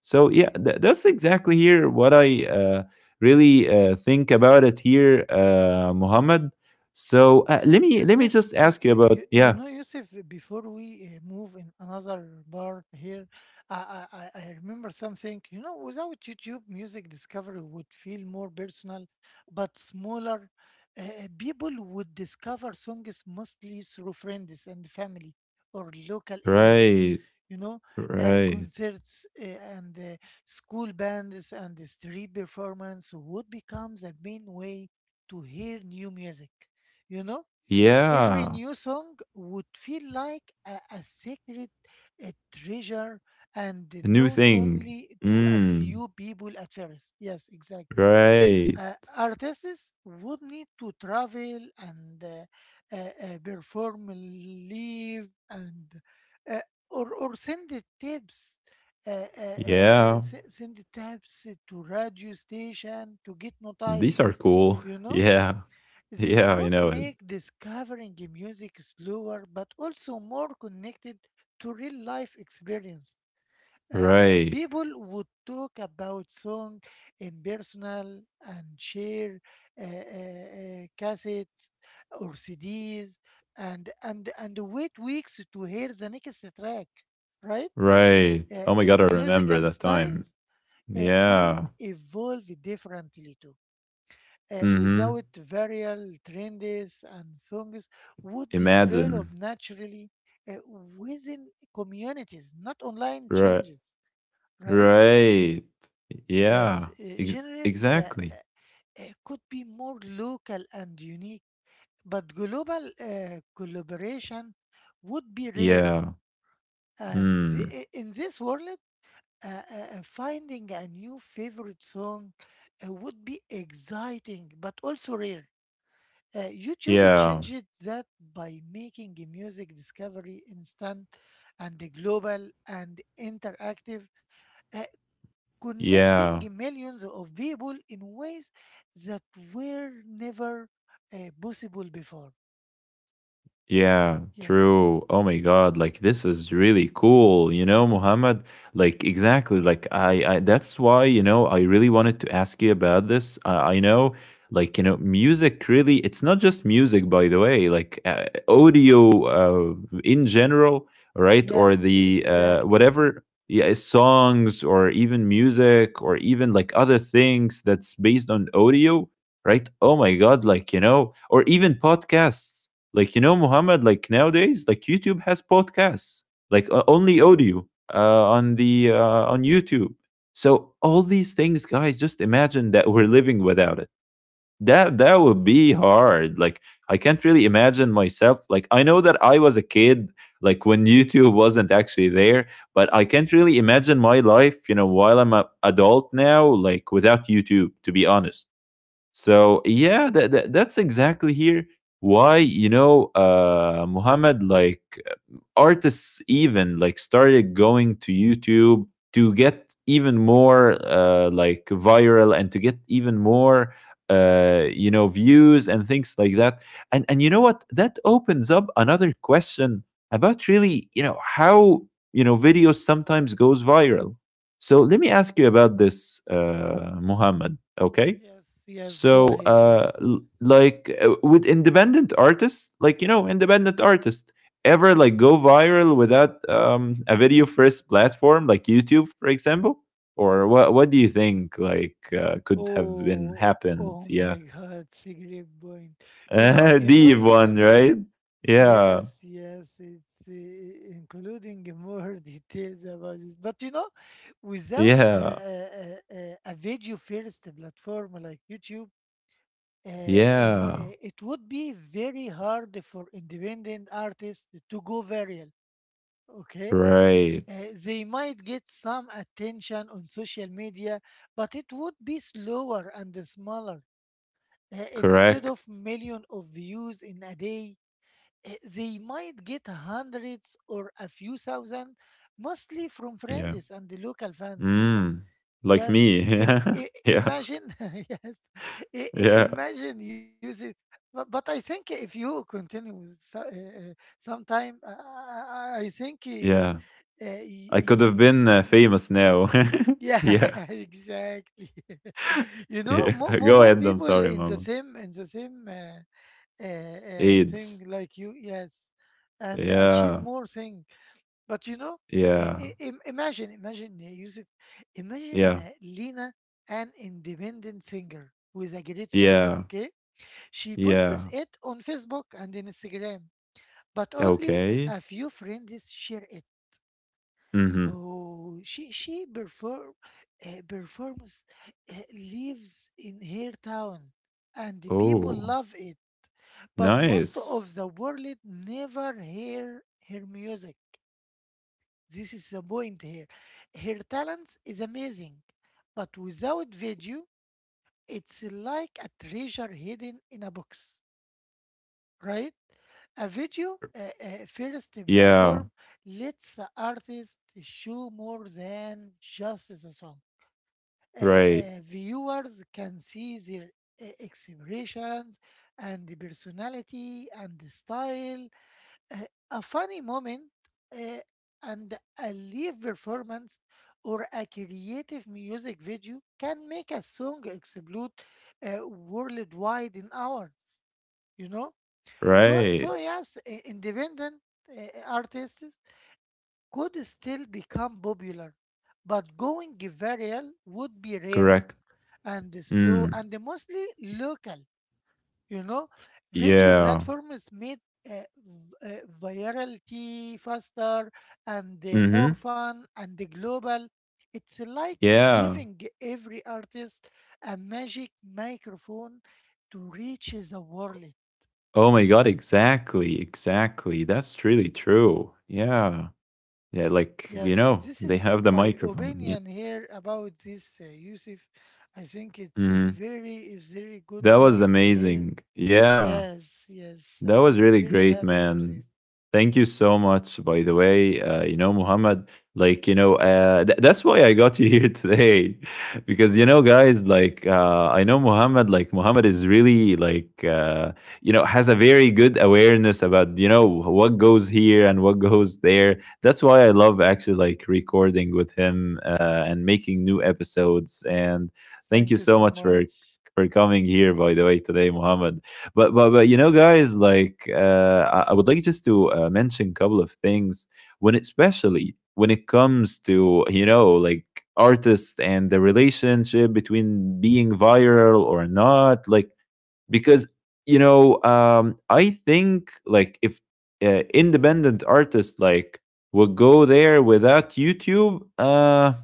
Speaker 1: So, yeah, tha- that's exactly here what I uh, really uh, think about it here, uh, Muhammad. So uh, let
Speaker 2: Yes,
Speaker 1: me let me
Speaker 2: Yusuf,
Speaker 1: just
Speaker 2: you,
Speaker 1: ask you
Speaker 2: you,
Speaker 1: about,
Speaker 2: you you
Speaker 1: yeah,
Speaker 2: know, Yusuf, before we uh, move in another part here, I, I, I I remember something. You know, without YouTube, music discovery would feel more personal, but smaller. Uh, uh, people would discover songs mostly through friends and family or local events,
Speaker 1: right,
Speaker 2: you know, uh,
Speaker 1: right,
Speaker 2: concerts uh, and uh, school bands and the street performance would become the main way to hear new music, you know? Every
Speaker 1: yeah,
Speaker 2: new song would feel like a, a secret, a treasure, and
Speaker 1: a new
Speaker 2: known
Speaker 1: thing.
Speaker 2: only to a
Speaker 1: Mm.
Speaker 2: few people at first. Yes, exactly.
Speaker 1: Right.
Speaker 2: Uh, artists would need to travel and uh, uh, uh, perform live and uh, or or send the tapes. Uh, uh, uh, uh,
Speaker 1: Yeah.
Speaker 2: s- send the tapes to radio station to get
Speaker 1: These are
Speaker 2: noticed,
Speaker 1: cool. [LAUGHS]
Speaker 2: you know
Speaker 1: Yeah.
Speaker 2: this
Speaker 1: Yeah, I
Speaker 2: would
Speaker 1: know it.
Speaker 2: make discovering music slower but also more connected to real life experience. Uh, uh,
Speaker 1: Right.
Speaker 2: people would talk about song in personal and share uh, uh, uh, cassettes or C Ds and, and, and wait weeks to hear the next track, right?
Speaker 1: Right.
Speaker 2: Uh,
Speaker 1: Oh my
Speaker 2: uh,
Speaker 1: god, I remember
Speaker 2: musical
Speaker 1: that time.
Speaker 2: styles uh, might
Speaker 1: Yeah.
Speaker 2: evolve differently too, uh,
Speaker 1: Mm-hmm.
Speaker 2: without viral trends, and songs would develop
Speaker 1: Imagine.
Speaker 2: naturally uh, within communities, not online
Speaker 1: Right.
Speaker 2: changes, right?
Speaker 1: Right.
Speaker 2: Yes,
Speaker 1: Yeah.
Speaker 2: uh,
Speaker 1: Ex-
Speaker 2: genres uh,
Speaker 1: exactly.
Speaker 2: uh, could be more local and unique, but global uh, collaboration would be rare.
Speaker 1: Yeah.
Speaker 2: And
Speaker 1: Mm.
Speaker 2: the, in this world, uh, uh, uh, finding a new favorite song uh, would be exciting, but also rare. Uh, YouTube
Speaker 1: Yeah.
Speaker 2: changed that by making music discovery instant and global and interactive, uh, connecting
Speaker 1: Yeah.
Speaker 2: millions of people in ways that were never uh, possible before.
Speaker 1: Yeah,
Speaker 2: Yes,
Speaker 1: true. Oh my God, like this is really cool, you know, Muhammad. Like exactly, like I, I that's why, you know, I really wanted to ask you about this. I, I know, like, you know, music really, it's not just music, by the way, like uh, audio uh, in general, right? Or
Speaker 2: yes,
Speaker 1: the uh,
Speaker 2: exactly.
Speaker 1: whatever, yeah, songs or even music or even like other things that's based on audio, right? Oh my God, like, you know, or even podcasts, like, you know, Muhammad, like nowadays, like YouTube has podcasts, like uh, only audio uh, on the uh, on YouTube. So all these things, guys, just imagine that we're living without it. That that would be hard. Like, I can't really imagine myself. Like, I know that I was a kid, like when [LAUGHS] YouTube wasn't actually there, but I can't really imagine my life, you know, while I'm a adult now, like without YouTube. To be honest. So yeah, that, that that's exactly here why, you know, uh Muhammad, like, artists even like started going to YouTube to get even more uh, like viral and to get even more uh, you know, views and things like that. And and you know what? That opens up another question about, really, you know how, you know, videos sometimes goes viral. So let me ask you about this, uh, Muhammad. Okay.
Speaker 2: Yes, yes,
Speaker 1: So,
Speaker 2: go ahead,
Speaker 1: uh,
Speaker 2: use.
Speaker 1: l- like, uh, would independent artists, like, you know, independent artists, ever like go viral without um, a video first platform like YouTube, for example? Or what? What do you think like uh, could have been
Speaker 2: Oh,
Speaker 1: happened?
Speaker 2: oh
Speaker 1: Yeah,
Speaker 2: my [LAUGHS] God, it's a great point. You know,
Speaker 1: [LAUGHS]
Speaker 2: you know,
Speaker 1: deep one,
Speaker 2: Yusuf.
Speaker 1: right? Yeah,
Speaker 2: Yes, yes, it's uh, including more [LAUGHS] details about this. But you know, without uh,
Speaker 1: yeah,
Speaker 2: uh, uh, a video first platform like YouTube, uh, uh,
Speaker 1: yeah.
Speaker 2: uh, it would be very hard for independent artists to go viral. Okay.
Speaker 1: Right,
Speaker 2: Uh, they might get some attention on social media, but it would be slower and smaller. Uh, instead
Speaker 1: correct.
Speaker 2: of million of views in a day, eh, they might get hundreds or a few thousand, mostly from
Speaker 1: Yeah.
Speaker 2: friends and the local fans.
Speaker 1: Mm. Like
Speaker 2: Yes,
Speaker 1: me.
Speaker 2: Im- i-
Speaker 1: [LAUGHS] yeah,
Speaker 2: imagine, [LAUGHS] yes, I- I-
Speaker 1: yeah,
Speaker 2: imagine using. But, but I think if you continue so, uh, uh, sometime, uh, I, I think, uh,
Speaker 1: yeah.
Speaker 2: uh, y-
Speaker 1: I could have
Speaker 2: y-
Speaker 1: been uh,
Speaker 2: y-
Speaker 1: famous now. [LAUGHS]
Speaker 2: yeah,
Speaker 1: yeah,
Speaker 2: [LAUGHS] exactly. [LAUGHS] You know,
Speaker 1: yeah.
Speaker 2: more,
Speaker 1: [LAUGHS]
Speaker 2: more
Speaker 1: Go
Speaker 2: more
Speaker 1: ahead. I'm
Speaker 2: people
Speaker 1: sorry,
Speaker 2: in the
Speaker 1: mama.
Speaker 2: same in the same. Uh, uh, uh,
Speaker 1: AIDS.
Speaker 2: thing like you, yes, and achieve
Speaker 1: Yeah,
Speaker 2: more thing. But you know, i-
Speaker 1: yeah.
Speaker 2: i- im- imagine imagine uh, Yusuf, imagine
Speaker 1: Yeah.
Speaker 2: uh, Lena, an independent singer with a great song,
Speaker 1: Yeah.
Speaker 2: okay? She posts
Speaker 1: Yeah.
Speaker 2: it on Facebook and in Instagram, but only
Speaker 1: Okay.
Speaker 2: a few friends share it.
Speaker 1: Mhm.
Speaker 2: Oh she she perform uh, performs, uh, lives in her town, and the people
Speaker 1: Oh,
Speaker 2: love it, but most
Speaker 1: nice.
Speaker 2: of the world never hear her music. This is the point here. Her talent is amazing, but without video, it's like a treasure hidden in a box, right? A video uh, uh, first
Speaker 1: Yeah.
Speaker 2: platform lets the artist show more than just the song. Uh, uh,
Speaker 1: Right.
Speaker 2: viewers can see their uh, expressions and the personality and the style, uh, a funny moment, uh, and a live performance or a creative music video can make a song explode, uh, worldwide in hours, you know? So
Speaker 1: Right.
Speaker 2: so, yes, i- independent uh, artists could still become popular, but going viral would be rare
Speaker 1: Correct.
Speaker 2: and slow
Speaker 1: Mm.
Speaker 2: and mostly local. You know, video
Speaker 1: Yeah.
Speaker 2: platforms made uh, v- uh, virality faster and uh, more
Speaker 1: Mhm.
Speaker 2: fun and global. It's like
Speaker 1: Yeah.
Speaker 2: giving every artist a magic microphone to reach the world.
Speaker 1: Oh my god, exactly. Exactly. That's really true. Yeah. Yeah, like, you
Speaker 2: Yes,
Speaker 1: know,
Speaker 2: this
Speaker 1: they
Speaker 2: is
Speaker 1: have the
Speaker 2: my
Speaker 1: microphone. Yeah.
Speaker 2: opinion here about this, uh, Yusuf. I think it's a
Speaker 1: Mhm.
Speaker 2: very, a very good
Speaker 1: That was
Speaker 2: point here.
Speaker 1: amazing. Yeah.
Speaker 2: Yes, yes,
Speaker 1: That was
Speaker 2: I'm
Speaker 1: really
Speaker 2: very
Speaker 1: great,
Speaker 2: happy for this.
Speaker 1: man. Thank you so much, by the way. Uh, you know, Muhammad, like, you know, uh, th- that's why I got you here today, [LAUGHS] because, you know, guys, like, uh, I know Muhammad, like, Muhammad is really, like, uh, you know, has a very good awareness about, you know, what goes here and what goes there. That's why I love actually, like, recording with him uh, and making new episodes. And thank
Speaker 2: Thank
Speaker 1: you
Speaker 2: you so
Speaker 1: so much for
Speaker 2: much.
Speaker 1: for coming here, by the way, today, Muhammad. But but but you know,
Speaker 2: Thank you.
Speaker 1: guys, like, uh, I, I would like just to uh, mention a couple of things when it, especially when it comes to, you know, like, artists and the relationship between being viral or not. Like, because, you know, um I think, like, if uh, independent artists like would go there without YouTube, uh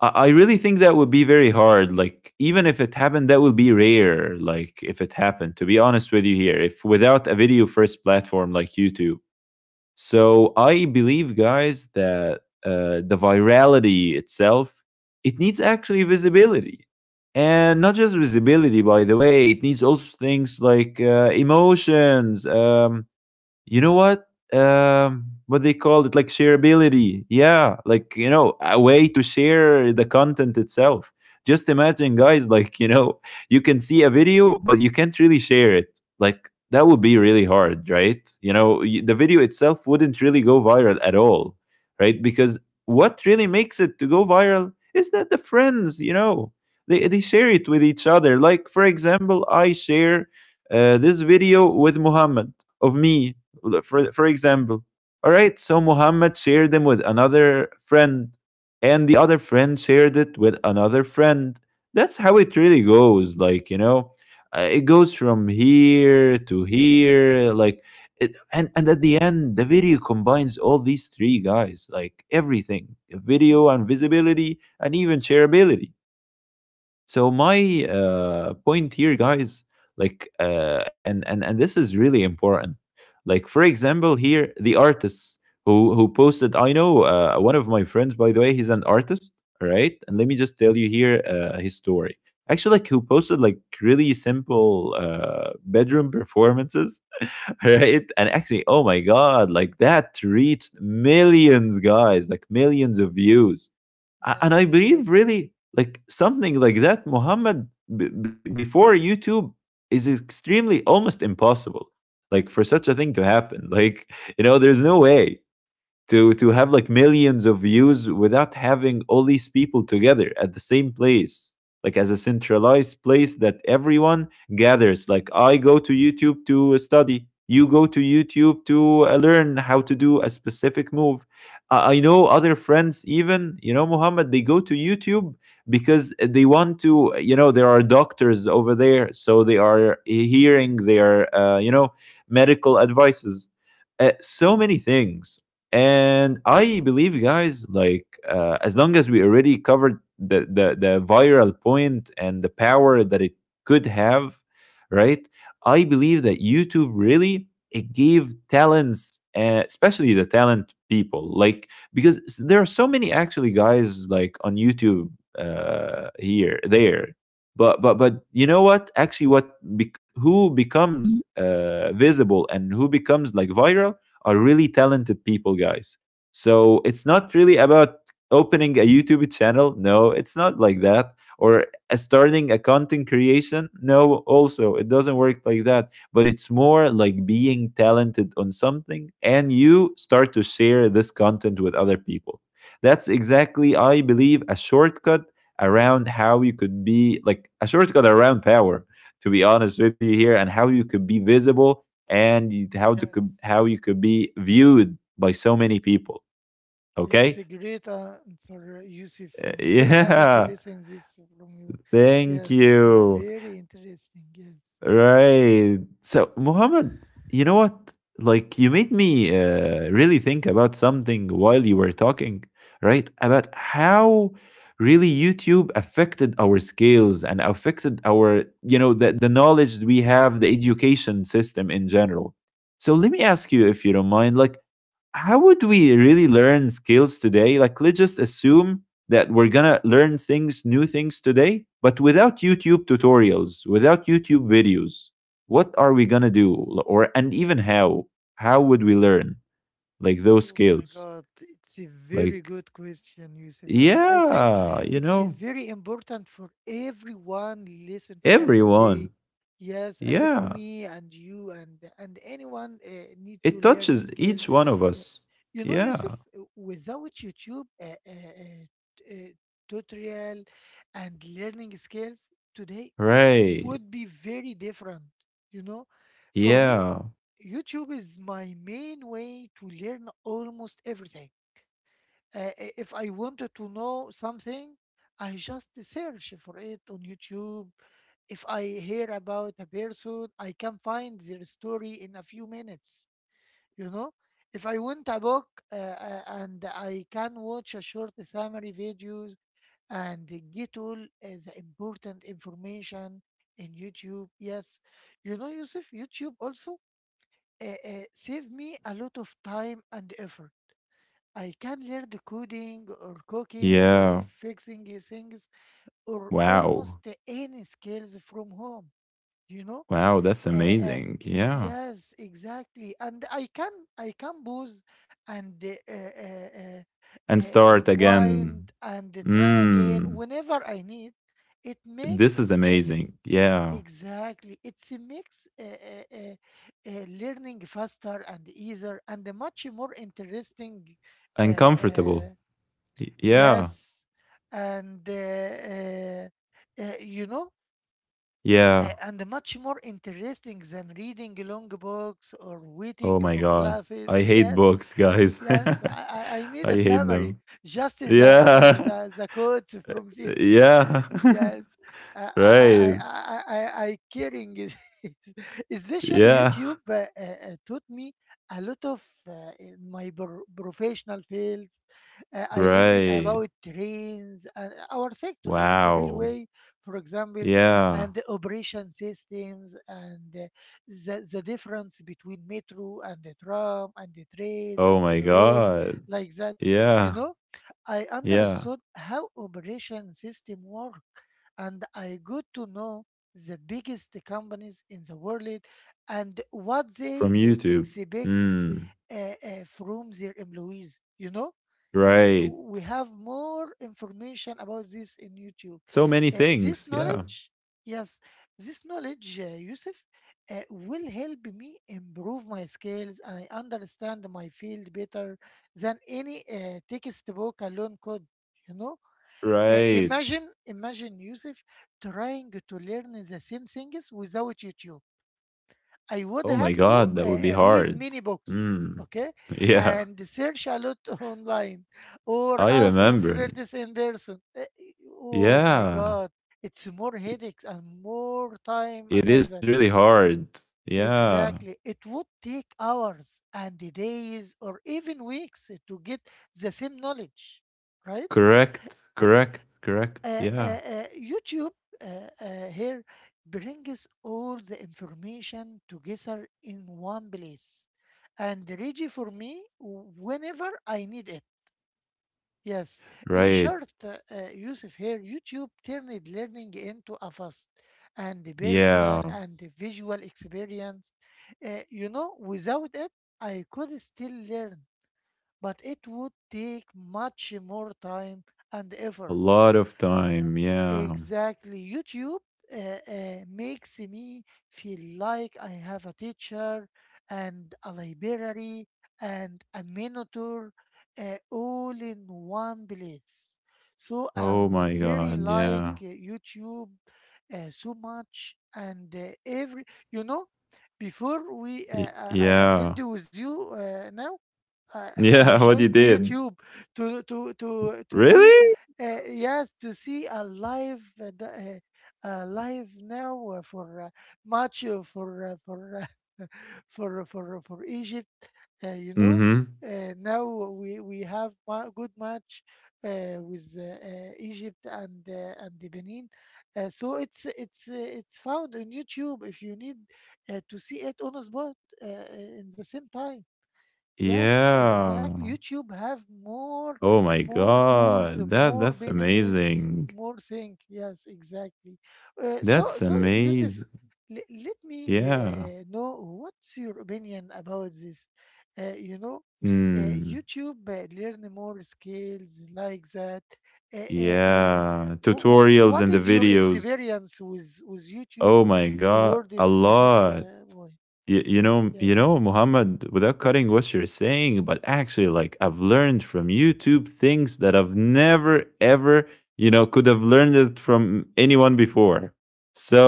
Speaker 1: I I really think that would be very hard. Like, even if it happened, that would be rare. Like, if it happened, to be honest with you here, if without a video first platform like YouTube. So, I believe, guys, that uh, the virality itself, it needs actually visibility. And not just visibility, by the way, it needs also things like uh, emotions, um, you know what um what they call it, like, shareability. Yeah, like, you know, a way to share the content itself. Just imagine, guys, like, you know, you can see a video but you can't really share it, like, that would be really hard, right? You know, y- the video itself wouldn't really go viral at all, right? Because what really makes it to go viral is that the friends, you know, they, they share it with each other. Like, for example, I share uh, this video with Muhammad of me, for, for example, all right? So Muhammad shared them with another friend, and the other friend shared it with another friend. That's how it really goes, like, you know, uh, it goes from here to here, like it, and and at the end the video combines all these three, guys, like, everything: video and visibility and even shareability. So my uh, point here, guys, like, uh, and and and this is really important. Like, for example, here the artists who who posted. I know uh, one of my friends, by the way, he's an artist, all right? And let me just tell you here uh, his story. Actually, like, who posted like really simple uh, bedroom performances, [LAUGHS] right? And actually, oh my God, like that reached millions, guys, like millions of views. A-
Speaker 2: Yes,
Speaker 1: And I believe
Speaker 2: yes,
Speaker 1: really, like something like that, Muhammad, b- b- before YouTube is extremely almost impossible, like for such a thing to happen. Like, you know, there's no way to to have like millions of views without having all these people together at the same place, like as a centralized place that everyone gathers. Like, I go to YouTube to study, you go to YouTube to uh, learn how to do a specific move. I I know other friends, even, you know, Muhammad, they go to YouTube because they want to, you know, there are doctors over there, so they are hearing their uh, you know, medical advices, uh, so many things. And I believe, guys, like, uh, as long as we already covered the, the the viral point and the power that it could have, right, I believe that YouTube really, it gave talents uh, especially the talent people, like, because s- there are so many actually, guys, like, on YouTube, uh here there, but but but you know what actually, what bec who becomes uh visible and who becomes like viral are really talented people, guys. So it's not really about opening a YouTube channel. No, it's not like that. Or uh, starting a content creation. No, also, it doesn't work like that. But it's more like being talented on something and you start to share this content with other people. That's exactly, I believe, a shortcut around how you could be, like, a shortcut around power, to be honest with you here, and how you could be visible and you- how to could
Speaker 2: yes.
Speaker 1: how you could be viewed by so many people.
Speaker 2: It's a
Speaker 1: Okay.
Speaker 2: great answer, Yusuf.
Speaker 1: Uh,
Speaker 2: I'm
Speaker 1: [LAUGHS]
Speaker 2: very happy to
Speaker 1: yeah,
Speaker 2: listen this from you.
Speaker 1: thank
Speaker 2: Yes, it's a
Speaker 1: you.
Speaker 2: very interesting. Yes.
Speaker 1: Right. So, Muhammad, you know what? Like, you made me uh, really think about something while you were talking, right? About how really YouTube affected our skills and affected our, you know, the, the knowledge we have, the education system in general. So, let me ask you, if you don't mind, like, how would we really learn skills today? Like, let's just assume that we're gonna learn things, new things today, but without YouTube tutorials, without YouTube videos, what are we gonna do? Or, and even how? How would we learn like those
Speaker 2: Oh my
Speaker 1: skills?
Speaker 2: God, it's a very
Speaker 1: Like,
Speaker 2: good question, Yusuf. And I think
Speaker 1: yeah, you
Speaker 2: it's a
Speaker 1: know,
Speaker 2: very important for everyone listen to us today.
Speaker 1: everyone.
Speaker 2: Yes, and for
Speaker 1: Yeah,
Speaker 2: me and you and and anyone uh, need to
Speaker 1: it
Speaker 2: learn
Speaker 1: touches
Speaker 2: skills.
Speaker 1: each one of
Speaker 2: Yeah.
Speaker 1: us.
Speaker 2: You know, Yusuf,
Speaker 1: Yeah,
Speaker 2: uh, without YouTube uh, uh, uh, t- uh, tutorial and learning skills today uh,
Speaker 1: right.
Speaker 2: would be very different, you know. For me,
Speaker 1: Yeah,
Speaker 2: YouTube is my main way to learn almost everything. Uh, I- if I wanted to know something, I just search for it on YouTube. If I hear about a person, I can find their story in a few minutes. You know, if I want a book, uh, uh, and I can watch a short summary videos and get all uh, the important information in YouTube. Yes, you know, Yusuf, YouTube also uh, uh, save me a lot of time and effort. I can learn the coding or cooking or
Speaker 1: yeah.
Speaker 2: fixing your things or almost
Speaker 1: Wow.
Speaker 2: any skills from home, you know?
Speaker 1: Wow, that's
Speaker 2: Uh, uh,
Speaker 1: amazing. Yeah.
Speaker 2: yes, exactly. And I can I can pause and uh, uh, uh,
Speaker 1: And
Speaker 2: uh,
Speaker 1: start
Speaker 2: rewind
Speaker 1: again.
Speaker 2: and try again
Speaker 1: Mm,
Speaker 2: whenever I need. It make
Speaker 1: this is
Speaker 2: uh,
Speaker 1: amazing. Yeah.
Speaker 2: exactly. It's a mix uh, uh, uh, uh, learning faster and easier and a much more interesting. Uh, uh,
Speaker 1: Uncomfortable. Y- Yeah.
Speaker 2: yes. And uh, uh, uh, you know, uh,
Speaker 1: Yeah.
Speaker 2: and much more interesting than reading long books or
Speaker 1: Oh
Speaker 2: waiting
Speaker 1: my
Speaker 2: for
Speaker 1: God.
Speaker 2: classes.
Speaker 1: I
Speaker 2: [LAUGHS]
Speaker 1: hate
Speaker 2: Yes,
Speaker 1: books, guys. [LAUGHS]
Speaker 2: yes,
Speaker 1: I
Speaker 2: I, I I need a
Speaker 1: hate
Speaker 2: summary,
Speaker 1: them.
Speaker 2: just the, the,
Speaker 1: Yeah.
Speaker 2: the,
Speaker 1: [LAUGHS]
Speaker 2: the quotes from this.
Speaker 1: Yeah.
Speaker 2: [LAUGHS] Yes, I
Speaker 1: [LAUGHS]
Speaker 2: I I
Speaker 1: Right.
Speaker 2: I I I caring is [LAUGHS] especially
Speaker 1: Yeah.
Speaker 2: YouTube uh, uh, uh, taught me a lot of uh, in my pro- professional fields. Uh, I learned
Speaker 1: Right.
Speaker 2: about trains and our sector in the
Speaker 1: Wow.
Speaker 2: railway, for example,
Speaker 1: Yeah.
Speaker 2: and the operation systems and, uh, the, the difference between metro and the tram and the trains
Speaker 1: Oh
Speaker 2: and the
Speaker 1: my
Speaker 2: monorail,
Speaker 1: God.
Speaker 2: like that. You
Speaker 1: Yeah.
Speaker 2: know, I
Speaker 1: Yeah.
Speaker 2: understood how operation system work and I got to know the biggest companies in the world and what they
Speaker 1: From
Speaker 2: uh,
Speaker 1: YouTube.
Speaker 2: expect,
Speaker 1: Mm.
Speaker 2: uh, uh, from their employees, you know? Uh,
Speaker 1: Right.
Speaker 2: We have more information about this in YouTube.
Speaker 1: So many
Speaker 2: Uh, this
Speaker 1: things. Yeah.
Speaker 2: knowledge, yes, this knowledge, uh, Yusuf, uh, will help me improve my skills. I understand my field better than any uh, textbook alone could. You know, Uh,
Speaker 1: Right.
Speaker 2: imagine, imagine Yusuf trying to learn the same things without YouTube. I would
Speaker 1: Oh my
Speaker 2: have to
Speaker 1: god, that would be
Speaker 2: uh, read
Speaker 1: hard.
Speaker 2: many books,
Speaker 1: Hmm.
Speaker 2: okay,
Speaker 1: [LAUGHS] Yeah,
Speaker 2: and search a lot [LAUGHS] online or
Speaker 1: I
Speaker 2: ask
Speaker 1: remember.
Speaker 2: experts in person. Uh, e- Oh my
Speaker 1: Yeah,
Speaker 2: God, it's more headaches and more time and
Speaker 1: it
Speaker 2: like
Speaker 1: is
Speaker 2: that.
Speaker 1: really hard. Yeah.
Speaker 2: Exactly. It would take hours and days or even weeks to get the same knowledge, right?
Speaker 1: Correct, correct, correct.
Speaker 2: uh, uh,
Speaker 1: Yeah.
Speaker 2: uh, YouTube uh, uh, here brings all the information together in one place and ready for me whenever I need it. Yes, in
Speaker 1: Right.
Speaker 2: short, uh, uh, Yusuf here, YouTube turned learning into a fast and personal
Speaker 1: Yeah.
Speaker 2: and visual experience. Uh, you know, without it, I could still learn, but it would take much more time and
Speaker 1: A
Speaker 2: effort.
Speaker 1: lot of time. Yeah.
Speaker 2: Exactly. YouTube uh, uh, makes me feel like I have a teacher and a library and a mentor, uh, all in one place. So
Speaker 1: Oh
Speaker 2: I'm
Speaker 1: my
Speaker 2: very
Speaker 1: god.
Speaker 2: like
Speaker 1: Yeah.
Speaker 2: uh, YouTube uh, so much, and uh, every, you know, before we
Speaker 1: Y-
Speaker 2: uh, I I
Speaker 1: yeah.
Speaker 2: attend with you uh, now, I [LAUGHS] I
Speaker 1: Yeah, [LAUGHS] what you
Speaker 2: joined
Speaker 1: did.
Speaker 2: YouTube to to to to see,
Speaker 1: Really?
Speaker 2: uh, yes, to see a live uh, d- uh, uh, live now uh, for uh, match uh, for uh, for uh, [LAUGHS] for for for Egypt. Uh, you know,
Speaker 1: Mm-hmm.
Speaker 2: uh, now we we have ma- good match uh, with uh, uh, Egypt and uh, and the Benin. Uh, so it's it's uh, it's found on YouTube if you need uh, to see it on a spot uh, in the same time. Yes, exactly.
Speaker 1: Yeah.
Speaker 2: YouTube have more,
Speaker 1: Oh my
Speaker 2: more tools,
Speaker 1: god. That
Speaker 2: more
Speaker 1: that's
Speaker 2: benefits,
Speaker 1: amazing.
Speaker 2: more thing. Yes, exactly. Uh, so
Speaker 1: That's
Speaker 2: so, Yusuf,
Speaker 1: amazing.
Speaker 2: le- let me
Speaker 1: Yeah.
Speaker 2: uh, know what's your opinion about this. Uh, you know, uh,
Speaker 1: Mm,
Speaker 2: YouTube uh, learn more skills like that. Uh, uh, uh,
Speaker 1: yeah.
Speaker 2: wh- wh-
Speaker 1: Tutorials
Speaker 2: what
Speaker 1: and the
Speaker 2: is your
Speaker 1: videos.
Speaker 2: experience with with
Speaker 1: Oh
Speaker 2: YouTube
Speaker 1: my God.
Speaker 2: toward
Speaker 1: A
Speaker 2: this uh, this
Speaker 1: lot.
Speaker 2: uh, way?
Speaker 1: You, you know you
Speaker 2: Yes,
Speaker 1: know Muhammad, without cutting what you're saying, but actually like I've learned from YouTube things that I've never ever, you know, could have learned it from anyone before. So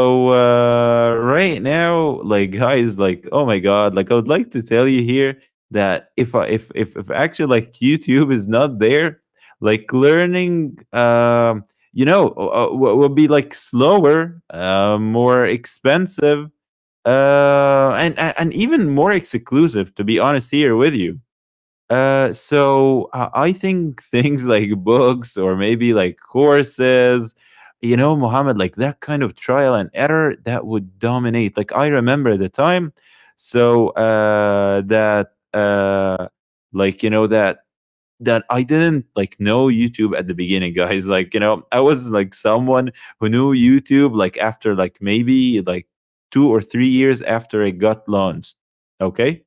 Speaker 1: uh right now, like, guys, like, oh my god, like, I would like to tell you here that if I if if, if actually like YouTube is not there, like learning um you know, uh, uh, will will be like slower, uh, more expensive, uh, and and even more exclusive. To be honest, here with you. Uh, so I I think [LAUGHS] things like books or maybe like courses, you know, Mohammed, like that kind of trial and error that would dominate. Like I remember the time, so uh, that uh, like you know that that I didn't like know YouTube at the beginning, [LAUGHS] guys. Like, you know, I was like someone who knew YouTube like after like maybe like two or three years after it got launched. Okay,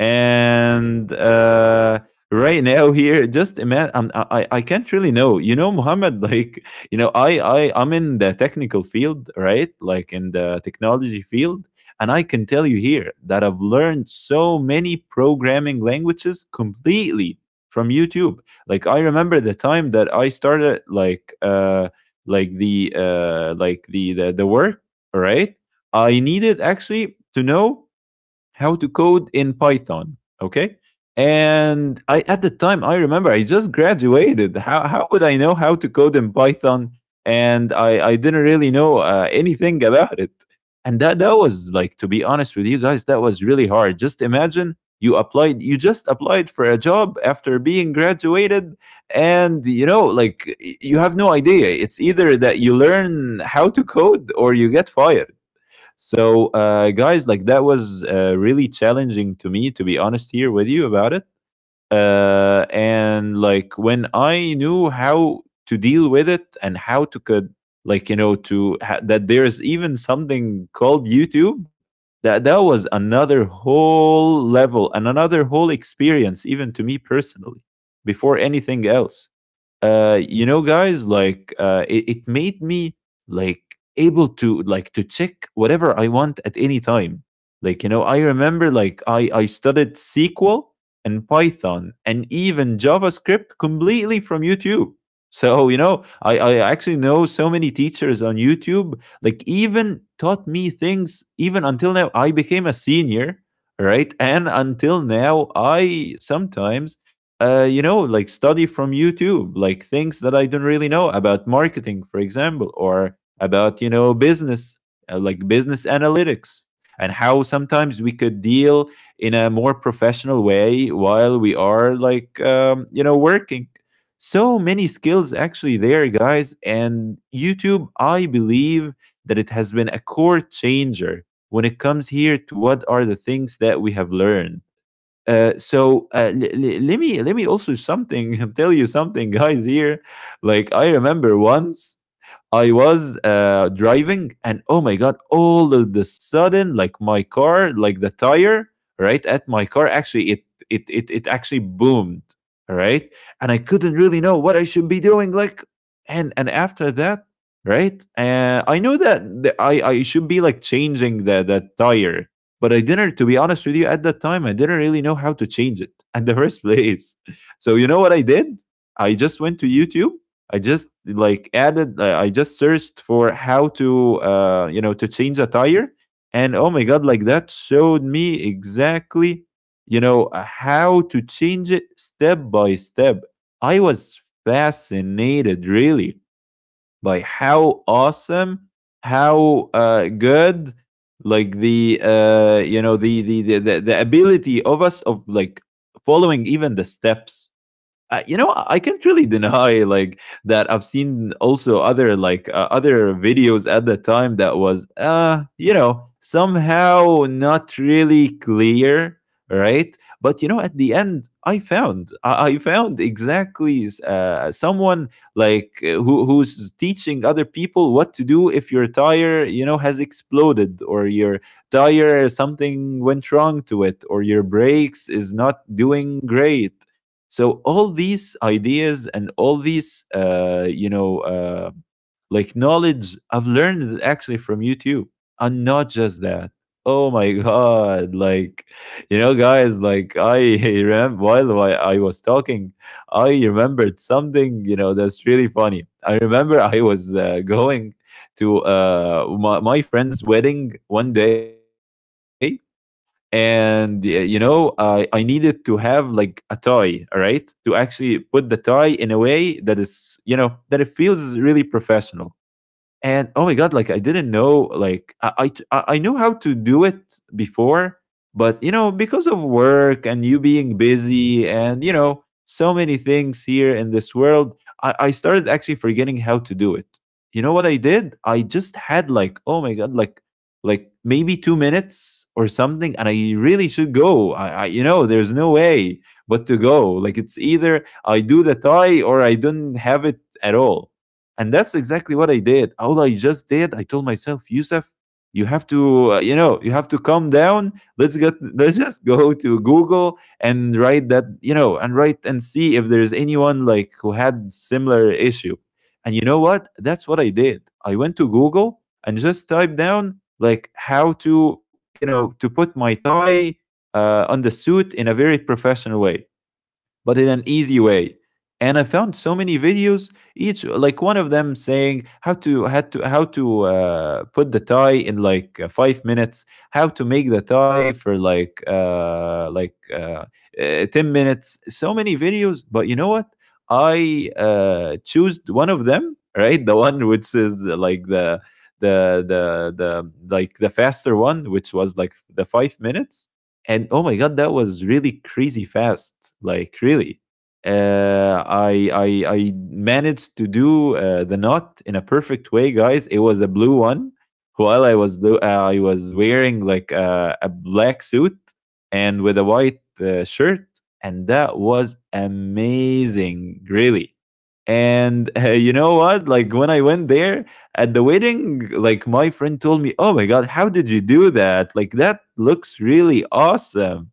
Speaker 1: and uh, right now here, just imagine I'm, I I- I can't really know, you know, Muhammad, [LAUGHS] like, you know, I I I'm in the technical field, right, like in the technology field. And I can tell you here that I've learned so many programming languages completely from YouTube. Like I remember the time that I started like uh like the uh like the the, the work, right. I needed actually to know how to code in Python. Okay. And I, at the time, I remember I just graduated. How how would I know how to code in Python? And I, I didn't really know uh, anything about it. And that that was, like, to be honest with you, guys, that was really hard. Just imagine you applied, you just applied for a job after being graduated, and you know like you have no idea, it's either that you learn how to code or you get fired. So, uh, guys, like that was uh, really challenging to me, to be honest here with you about it. Uh, and like when I knew how to deal with it and how to could, like, you know, to ha- that there's even something called YouTube. That that was another whole level and another whole experience, even to me personally, before anything else. Uh you know, guys, like uh it, it made me, like, able to like to check whatever I want at any time. Like, you know, I remember, like, i i studied SQL and Python and even JavaScript completely from YouTube. So, you know, i i actually know so many teachers on YouTube like even taught me things. Even until now I became a senior, right, and until now I sometimes uh, you know, like study from YouTube, like things that I don't really know about marketing, for example, or about, you know, business, uh, like business analytics, and how sometimes we could deal in a more professional way while we are like, um, you know, working. So many skills actually there, guys. And YouTube, I believe that it has been a core changer when it comes here to what are the things that we have learned. Uh, so uh, l- l- let me let me also something [LAUGHS] tell you something, guys. Here, like I remember once I was uh, driving, and oh my god, all of the sudden, like my car, like the tire, right, at my car, actually it it it it actually boomed, all right, and I couldn't really know what I should be doing, like, and and after that, right, uh, I know that the, I I should be like changing the the tire, but I didn't, to be honest with you, at that time, I didn't really know how to change it [LAUGHS] in the first place. [LAUGHS] So, you know what I did? I just went to YouTube. I just like added, uh, I just searched for how to, uh, you know, to change a tire. And oh my God, like that showed me exactly, you know, uh, how to change it step by step. I was fascinated, really, by how awesome, how uh, good, like the uh, you know the the, the the the ability of us of like following even the steps. Uh, you know, I can't really deny like that. I've seen also other like uh, other videos at the time that was, uh, you know, somehow not really clear, right? But you know, at the end, I found I, I found exactly uh, someone like uh, who who's teaching other people what to do if your tire, you know, has exploded, or your tire, something went wrong to it, or your brakes is not doing great. So all these ideas and all these uh, you know uh, like knowledge I've learned actually from YouTube. And not just that. Oh my [LAUGHS] god, like, you know, guys, like I [LAUGHS] remember while i I was talking, I remembered something, you know, that's really funny. I remember I was uh, going to uh, my, my friend's wedding one day, and uh, you know, i i needed to have like a tie, all right, to actually put the tie in a way that is, you know, that it feels really professional. And oh my god, like I didn't know, like i i, t- I- I knew how to do it before, but you know, because of work and you being busy and you know so many things here in this world, i, I started actually forgetting how to do it. You know what I did? I just had like, oh my god, like like maybe two minutes or something, and I really should go, i, I you know, there's no way but to go, like it's either I do the tie or I don't have it at all. And that's exactly what I did. All I just did, I told myself, Yusuf, you have to, uh, you know, you have to calm down. Let's get, [LAUGHS] let's just go to Google and write that, you know, and write and see if there's anyone like who had similar issue. And you know what? That's what I did. I went to Google and just typed down like how to, you know, to put my tie uh, on the suit in a very professional way but in an easy way. And I found so many videos, each like one of them saying how to how to how to uh, put the tie in like uh, five minutes, how to make the tie for like uh, like uh, uh, ten minutes. So many videos, but you know what? I uh, chose one of them, right? The one which is like the the the the like the faster one, which was like the five minutes. And oh my god, that was really crazy fast, like really. uh, I, I I managed to do uh, the knot in a perfect way, guys. It was a blue one, while I was lo- uh, I was wearing like a, a black suit and with a white uh, shirt, and that was amazing, really. And [LAUGHS] uh, you know what? Like when I went there, at the wedding, like my friend told me, "Oh my god, how did you do that? Like that looks really awesome."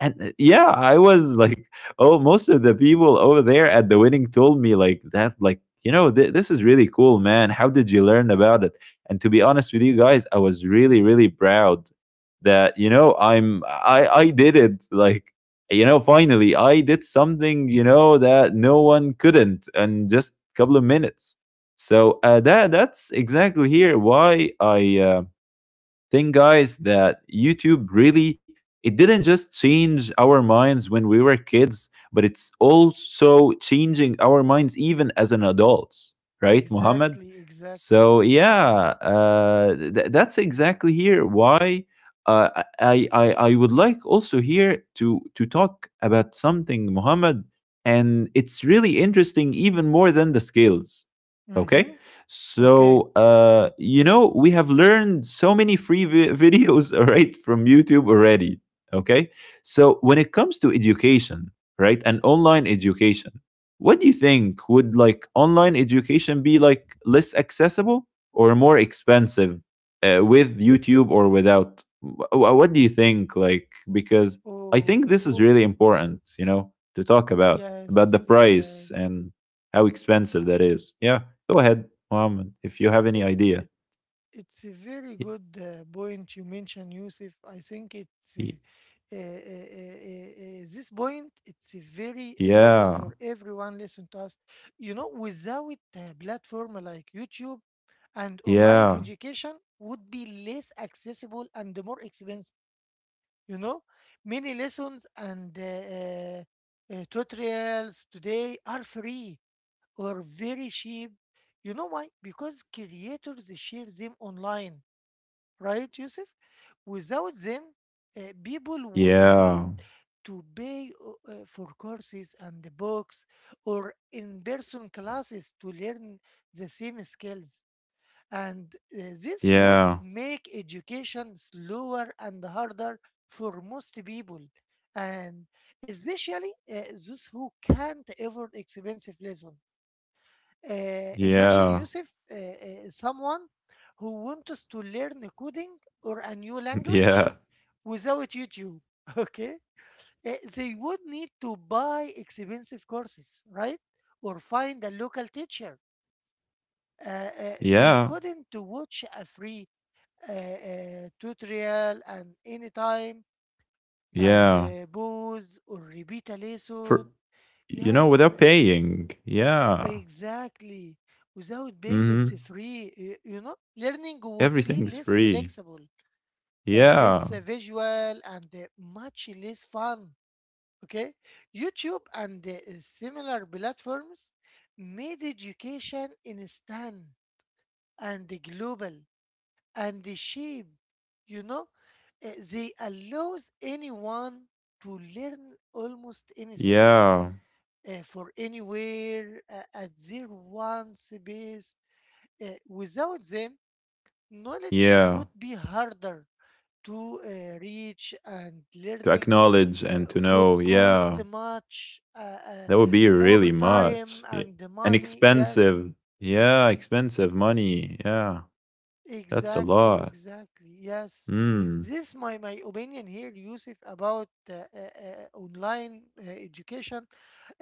Speaker 1: and uh, yeah I was like oh, most of the people over there at the wedding told me like that, like, you know, th- this is really cool, man. How did you learn about it? And to be honest with you, guys, I was really, really proud that, you know i'm i i did it, like, you know, finally I did something, you know, that no one couldn't in just a couple of minutes. So uh, that that's exactly here why i uh, thing, guys, that YouTube really, it didn't just change our minds when we were kids, but it's also changing our minds even as an adults, right, Muhammad?
Speaker 2: exactly, exactly.
Speaker 1: So yeah, uh, th- that's exactly here why uh, I, I I would like also here to to talk about something, Muhammad, and it's really interesting even more than the skills. Okay.
Speaker 2: Mm-hmm. Okay.
Speaker 1: So, uh, you know, we have learned so many free vi- [LAUGHS] videos, all right, from YouTube already. Okay. So when it comes to education, right, and online education, what do you think? Would, like, online education be like less accessible or more expensive uh, with YouTube or without? Wh- wh- What do you think? Like, because I
Speaker 2: Oh,
Speaker 1: think this is
Speaker 2: oh,
Speaker 1: really important, you know, to talk about about the
Speaker 2: yes, yes.
Speaker 1: price and how expensive that is. Yeah, go ahead, Muhammad, if you have any
Speaker 2: It's
Speaker 1: idea.
Speaker 2: it, it's a very
Speaker 1: Y-
Speaker 2: good uh, point you mentioned, Yusuf. I think it's uh,
Speaker 1: y-
Speaker 2: uh, uh, uh, uh, uh, this point. It's uh, very important for
Speaker 1: Yeah,
Speaker 2: everyone listen to us. You know, without a platform like YouTube and online
Speaker 1: yeah,
Speaker 2: education would be less accessible and more expensive. You know, many lessons and uh, uh, uh, tutorials today are free or very cheap. You know why? Because creators share them online, right, Yusuf? Without them, uh, people would need
Speaker 1: yeah,
Speaker 2: to pay o- uh, for courses and the books or in-person classes to learn the same skills. And uh, this would
Speaker 1: yeah,
Speaker 2: make education slower and harder for most people. And especially uh, those who can't afford expensive lessons. Uh, imagine
Speaker 1: yeah,
Speaker 2: Yusuf, uh, uh, someone who wants to learn coding or a new
Speaker 1: [LAUGHS]
Speaker 2: language
Speaker 1: yeah,
Speaker 2: without YouTube. [LAUGHS] Okay. Uh, they would need to buy expensive courses, right? Or find a local teacher. Uh, uh, they
Speaker 1: yeah,
Speaker 2: couldn't to watch a free uh, uh, tutorial and anytime and
Speaker 1: yeah.
Speaker 2: uh, pause or repeat a lesson.
Speaker 1: For, you know,
Speaker 2: Yes,
Speaker 1: without paying. Yeah.
Speaker 2: exactly. Without being, it's
Speaker 1: Mm-hmm.
Speaker 2: free. y- You know, learning would be
Speaker 1: Everything's
Speaker 2: less
Speaker 1: free.
Speaker 2: flexible, uh,
Speaker 1: Yeah,
Speaker 2: less uh, visual, and uh, much less fun. Okay. YouTube and uh, similar platforms made education instant and global and cheap. You know, Uh, they allows anyone to learn almost anything,
Speaker 1: yeah,
Speaker 2: uh, for anywhere uh, at their one space. Uh, without them, knowledge
Speaker 1: yeah.
Speaker 2: would be harder to uh, reach, and
Speaker 1: To
Speaker 2: learning
Speaker 1: acknowledge and
Speaker 2: uh,
Speaker 1: to know.
Speaker 2: would
Speaker 1: Yeah,
Speaker 2: cost much, uh, uh,
Speaker 1: that would be
Speaker 2: more
Speaker 1: really much.
Speaker 2: time
Speaker 1: Yeah.
Speaker 2: and
Speaker 1: And
Speaker 2: money.
Speaker 1: expensive.
Speaker 2: Yes,
Speaker 1: Yeah, expensive money. Yeah, that's a
Speaker 2: exactly,
Speaker 1: lot.
Speaker 2: exactly. Yes,
Speaker 1: Mm.
Speaker 2: this my my opinion here, Yusuf, about uh, uh, uh, online uh, education.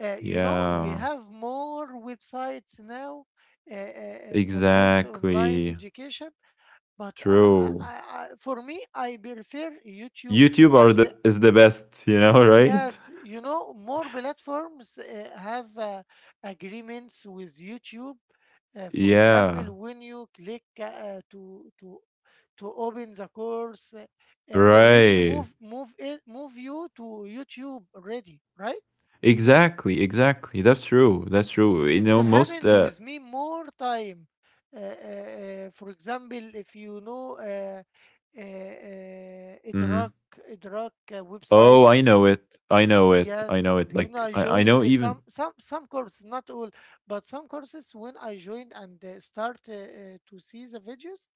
Speaker 2: Uh, you know, we
Speaker 1: Yeah.
Speaker 2: have more websites now uh, uh, uh, support online
Speaker 1: Exactly.
Speaker 2: education, but I,
Speaker 1: True.
Speaker 2: I, I, for me, I prefer YouTube.
Speaker 1: YouTube are
Speaker 2: And
Speaker 1: the, is the best, you know, [LAUGHS] right?
Speaker 2: yes, you know, more platforms uh, have uh, agreements with YouTube. Uh, for
Speaker 1: Yeah.
Speaker 2: example, when you click uh, to to to open the course, uh, uh, already
Speaker 1: Right.
Speaker 2: move move it move you to YouTube already, right?
Speaker 1: Exactly, exactly. That's true. That's true. You
Speaker 2: This
Speaker 1: know, most
Speaker 2: happened
Speaker 1: uh
Speaker 2: with me more time. Uh, uh, uh, for example, if you know uh, uh, uh, Idrak,
Speaker 1: mhm.
Speaker 2: Idrak uh, website,
Speaker 1: Oh, I know it. I know it. I
Speaker 2: yes,
Speaker 1: know it.
Speaker 2: when
Speaker 1: Like,
Speaker 2: I
Speaker 1: I, I know
Speaker 2: joined uh,
Speaker 1: even
Speaker 2: some some some courses, not all, but some courses, when I joined and uh, start uh, uh, to see the videos,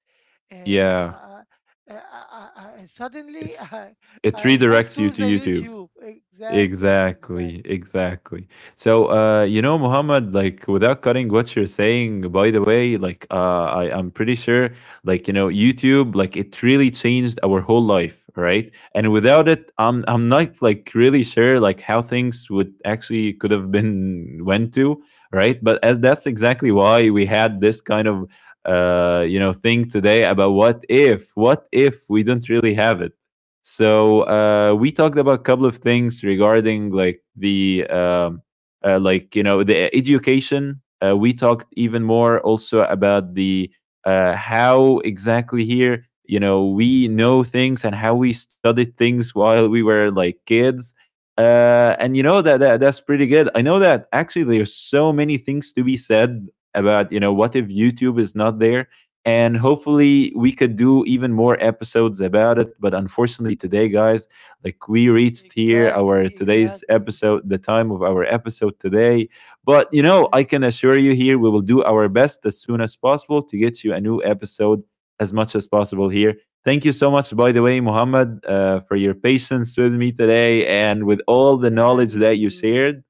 Speaker 2: uh, uh,
Speaker 1: yeah,
Speaker 2: uh, uh, uh, uh, uh, uh, suddenly [LAUGHS]
Speaker 1: it's
Speaker 2: I,
Speaker 1: it
Speaker 2: I moved
Speaker 1: redirects you
Speaker 2: to
Speaker 1: to
Speaker 2: the
Speaker 1: YouTube.
Speaker 2: YouTube. Exactly,
Speaker 1: Exactly,
Speaker 2: exactly,
Speaker 1: exactly. So, uh, you know, Muhammad, like, without cutting what you're saying, by the way, like, uh, I, I'm pretty sure, like, you know, YouTube, like, it really changed our whole life, right? And without it, I'm I'm not like really sure like how things would actually could have been went to, right? But as that's exactly why we had this kind of, uh, you know, thing today about what if, what if we don't really have it. So uh, we talked about a couple of things regarding like the um, uh, like, you know, the education. Uh, we talked even more also about the uh, how exactly here, you know, we know things and how we studied things [LAUGHS] while we were like kids. Uh, and you know that, that that's pretty good. I know that actually there's so many things to be said about, you know, what if YouTube is not there, and hopefully we could do even more episodes about it, but unfortunately today, guys, like, we reached here our
Speaker 2: exactly,
Speaker 1: today's
Speaker 2: exactly.
Speaker 1: episode, the time of our episode today. But you know, I
Speaker 2: Hmm.
Speaker 1: can assure you here, we will do our best as soon as possible to get you a new episode as much as possible here. Thank you so much, by the way, Muhammad, uh, for your patience with me today and with all the knowledge
Speaker 2: Thank
Speaker 1: that you
Speaker 2: you.
Speaker 1: shared.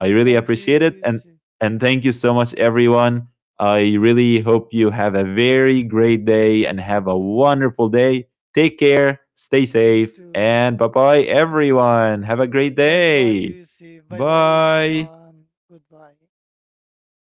Speaker 1: I really
Speaker 2: Thank you,
Speaker 1: appreciate it. And
Speaker 2: Yusuf.
Speaker 1: and thank you so much, everyone. I really hope you have a very great day and have a wonderful day. Take care, stay
Speaker 2: You
Speaker 1: safe,
Speaker 2: too.
Speaker 1: and bye bye, everyone. Have a great
Speaker 2: Bye bye,
Speaker 1: day.
Speaker 2: Yusuf. Bye bye,
Speaker 1: Bye.
Speaker 2: everyone. Goodbye.